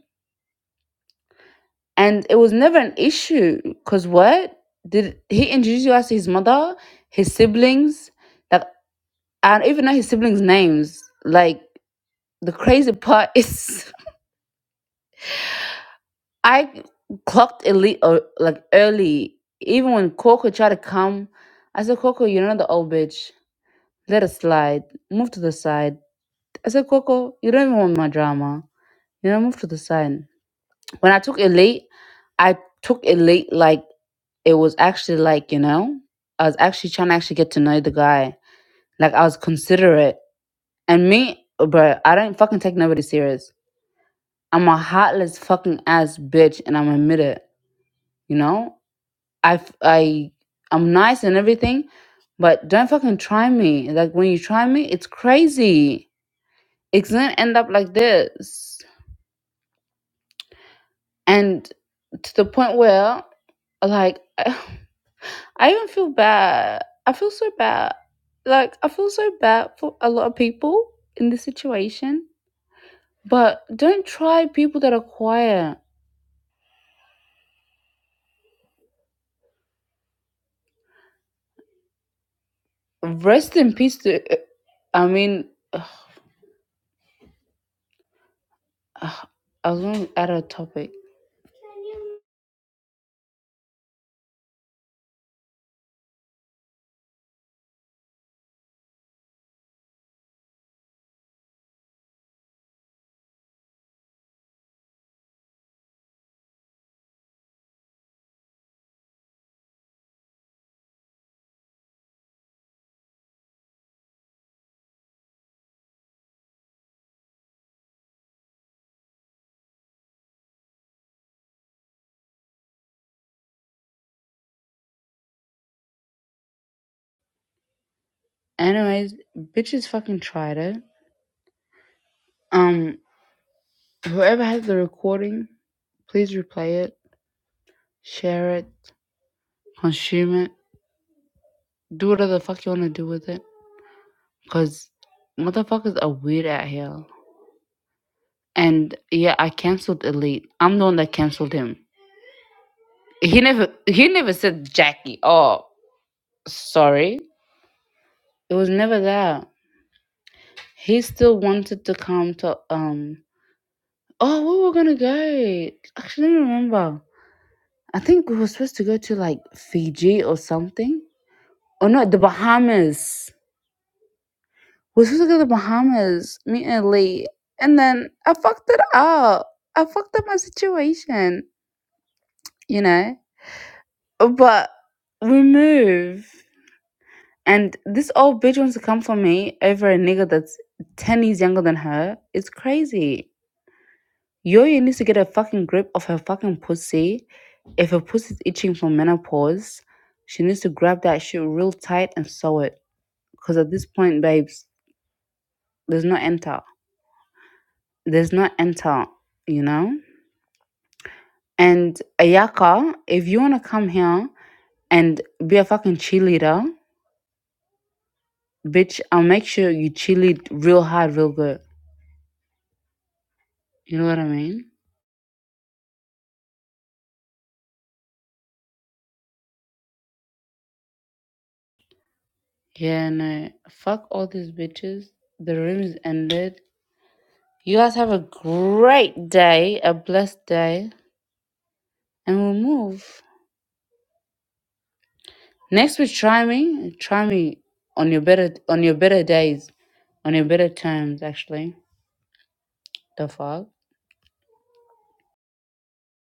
Speaker 1: And it was never an issue. Because what? Did he introduce us to his mother, his siblings? Like, I don't even know his siblings' names. Like, the crazy part is. I clocked elite uh, like early, even when Coco tried to come. I said, Coco, you're not the old bitch. Let it slide. Move to the side. I said, Coco, you don't even want my drama. You know, move to the side. When I took elite, I took elite like it was actually like you know, I was actually trying to actually get to know the guy. Like I was considerate. And me, bro. I don't fucking take nobody serious. I'm a heartless fucking ass bitch, and I'm admit it. You know, I f- I I'm nice and everything, but don't fucking try me. Like when you try me, it's crazy. It's gonna end up like this, and to the point where like I even feel bad. I feel so bad. Like I feel so bad for a lot of people in this situation. But don't try people that are quiet. Rest in peace. To I mean, I was going to add a topic. Anyways, bitches fucking tried it. Um, whoever has the recording, please replay it, share it, consume it, do whatever the fuck you wanna do with it. Cause motherfuckers are weird out here. And yeah, I cancelled Elite. I'm the one that cancelled him. He never he never said Jackie. Oh, sorry. It was never that. He still wanted to come to um. Oh, where we're gonna go? Actually, I don't remember. I think we were supposed to go to like Fiji or something. Or no, the Bahamas. We were supposed to go to the Bahamas, me and Lee. And then I fucked it up. I fucked up my situation, you know? But we move. And this old bitch wants to come for me over a nigga that's 10 years younger than her. It's crazy. Yoyo needs to get a fucking grip of her fucking pussy. If her pussy's itching from menopause, she needs to grab that shit real tight and sew it. Because at this point, babes, there's no enter. There's no enter, you know? And Ayaka, if you want to come here and be a fucking cheerleader, bitch, I'll make sure you cheerlead real hard, real good. You know what I mean? Yeah, No. fuck all these bitches. The room is ended. You guys have a great day, a blessed day, and we'll move. Next week, try me. Try me on your better on your better days, on your better terms, actually. the fog.